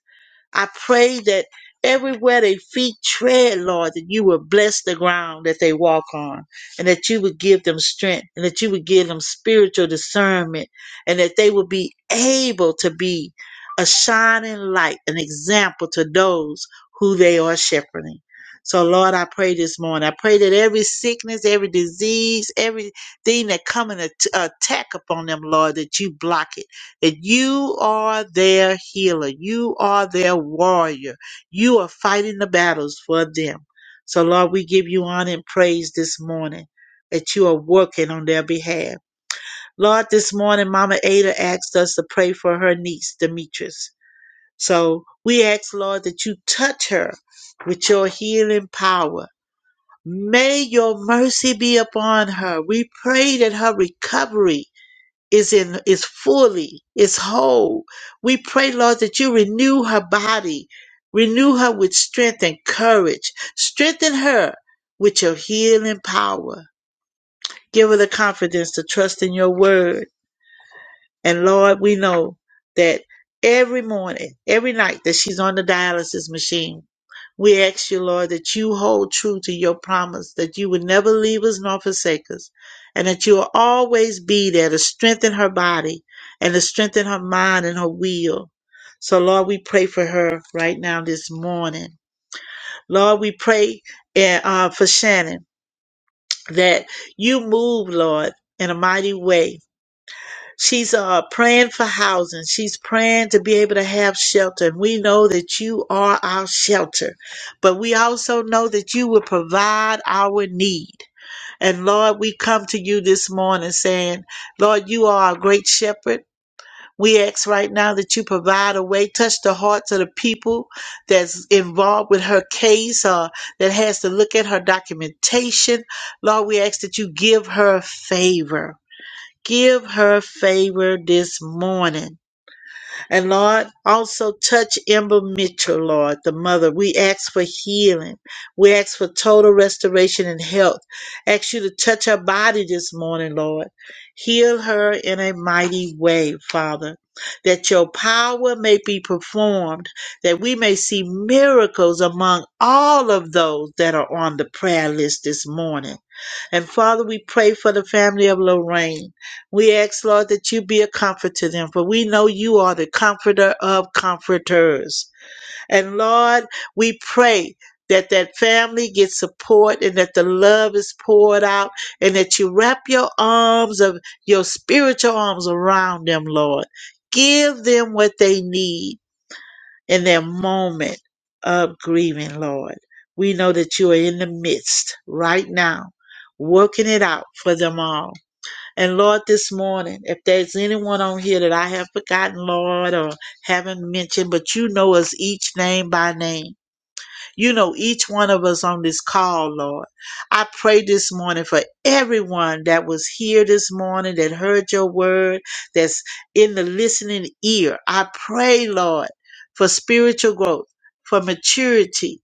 I pray that everywhere their feet tread, Lord, that you will bless the ground that they walk on and that you would give them strength and that you would give them spiritual discernment and that they would be able to be a shining light, an example to those who they are shepherding. So, Lord, I pray this morning. I pray that every sickness, every disease, everything that come and at- attack upon them, Lord, that you block it and you are their healer. You are their warrior. You are fighting the battles for them. So, Lord, we give you honor and praise this morning that you are working on their behalf. Lord, this morning, Mama Ada asked us to pray for her niece, Demetrius. So we ask, Lord, that you touch her with your healing power. May your mercy be upon her. We pray that her recovery is in is fully is whole we pray lord that you renew her body renew her with strength and courage strengthen her with your healing power give her the confidence to trust in your word and Lord, we know that every morning, every night that she's on the dialysis machine, we ask you, Lord, that you hold true to your promise that you would never leave us nor forsake us, and that you will always be there to strengthen her body and to strengthen her mind and her will. So, Lord, we pray for her right now this morning. Lord, we pray eh, uh, for Shannon that you move, Lord, in a mighty way She's uh, praying for housing. She's praying to be able to have shelter. And we know that you are our shelter. But we also know that you will provide our need. And Lord, we come to you this morning saying, Lord, you are our great shepherd. We ask right now that you provide a way, touch the hearts of the people that's involved with her case or that has to look at her documentation. Lord, we ask that you give her favor. Give her favor this morning. And Lord, also touch Ember Mitchell, Lord, the mother. We ask for healing. We ask for total restoration and health. Ask you to touch her body this morning, Lord. Heal her in a mighty way, Father, that your power may be performed, that we may see miracles among all of those that are on the prayer list this morning. And Father, we pray for the family of Lorraine. We ask, Lord, that you be a comfort to them, for we know you are the comforter of comforters. And Lord, we pray that that family gets support and that the love is poured out and that you wrap your arms of your spiritual arms around them, Lord. Give them what they need in their moment of grieving, Lord. We know that you are in the midst right now, working it out for them all. And Lord, this morning, if there's anyone on here that I have forgotten, Lord, or haven't mentioned, but you know us each name by name. You know each one of us on this call, Lord. I pray this morning for everyone that was here this morning, that heard your word, that's in the listening ear. I pray, Lord, for spiritual growth, for maturity,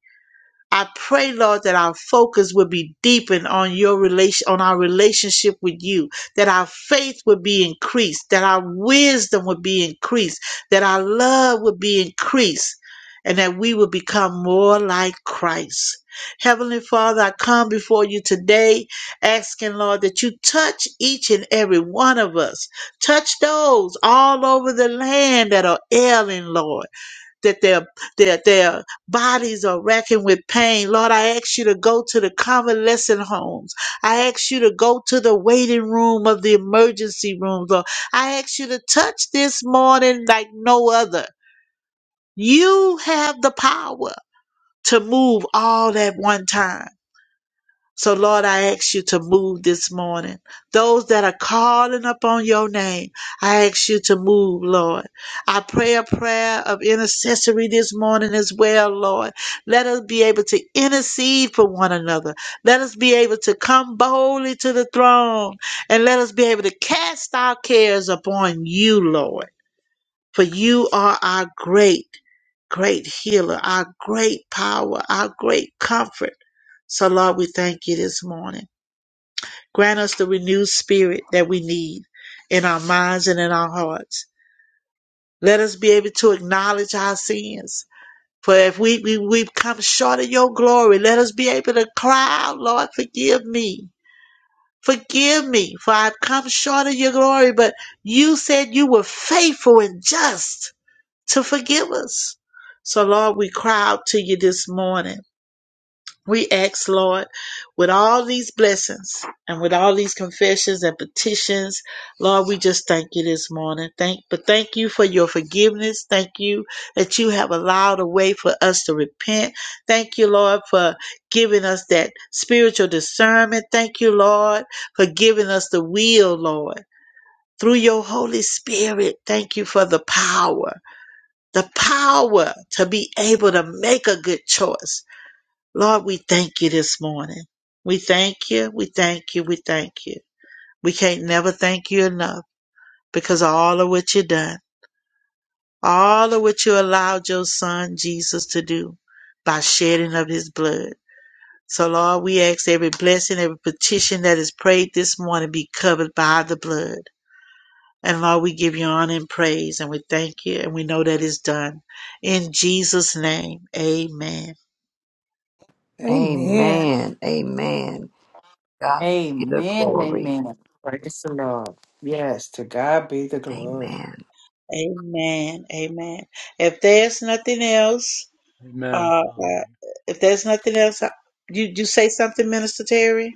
I pray, Lord, that our focus would be deepened on your relation, on our relationship with you, that our faith would be increased, that our wisdom would be increased, that our love would be increased, and that we would become more like Christ. Heavenly Father, I come before you today asking, Lord, that you touch each and every one of us. Touch those all over the land that are ailing, Lord that their their their bodies are racking with pain. Lord, I ask you to go to the convalescent homes. I ask you to go to the waiting room of the emergency rooms. Lord, I ask you to touch this morning like no other. You have the power to move all at one time. So, Lord, I ask you to move this morning. Those that are calling upon your name, I ask you to move, Lord. I pray a prayer of intercessory this morning as well, Lord. Let us be able to intercede for one another. Let us be able to come boldly to the throne and let us be able to cast our cares upon you, Lord. For you are our great, great healer, our great power, our great comfort. So, Lord, we thank you this morning. Grant us the renewed spirit that we need in our minds and in our hearts. Let us be able to acknowledge our sins. For if we, we, we've come short of your glory, let us be able to cry out, Lord, forgive me. Forgive me, for I've come short of your glory, but you said you were faithful and just to forgive us. So, Lord, we cry out to you this morning. We ask, Lord, with all these blessings and with all these confessions and petitions, Lord, we just thank you this morning. Thank, but thank you for your forgiveness. Thank you that you have allowed a way for us to repent. Thank you, Lord, for giving us that spiritual discernment. Thank you, Lord, for giving us the will, Lord, through your Holy Spirit. Thank you for the power the power to be able to make a good choice. Lord, we thank you this morning. We thank you. We thank you. We thank you. We can't never thank you enough because of all of what you done, all of what you allowed your son Jesus to do by shedding of his blood. So Lord, we ask every blessing, every petition that is prayed this morning be covered by the blood. And Lord, we give you honor and praise and we thank you and we know that it's done. In Jesus' name, amen.
Amen.
Amen. Amen. God be the
Amen.
glory.
Amen. Praise the Lord. Yes, to God be the glory.
Amen.
Amen. Amen. If there's nothing else,
Amen.
uh,
Hallelujah.
uh, if there's nothing else, uh, you you say something, Minister Terry.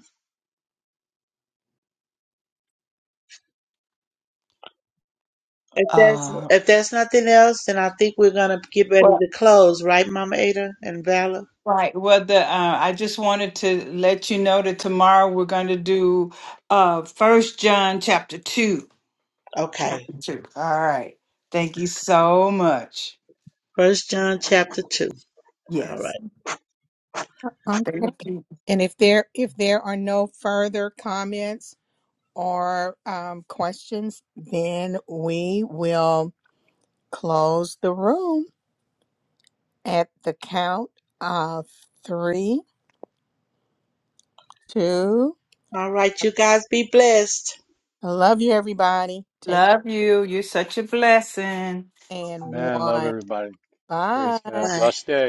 If there's
Uh,
if there's nothing else, then I think we're gonna get ready
well,
to close, right, Mama Ada and Valor?
right. Well, the uh, I just wanted to let you know that tomorrow we're going to do uh First John chapter two.
Okay.
Chapter two. All right. Thank you so much.
First John chapter two. All
Yes.
right.
Okay.
Thank you.
And if there if there are no further comments or um, questions, then we will close the room at the count of three, two.
All right. You guys be blessed.
I love you, everybody. Take
Love you. You're such a blessing.
and
Man, love
one.
everybody. Praise
Bye.
God.
Bye.
Blessed day.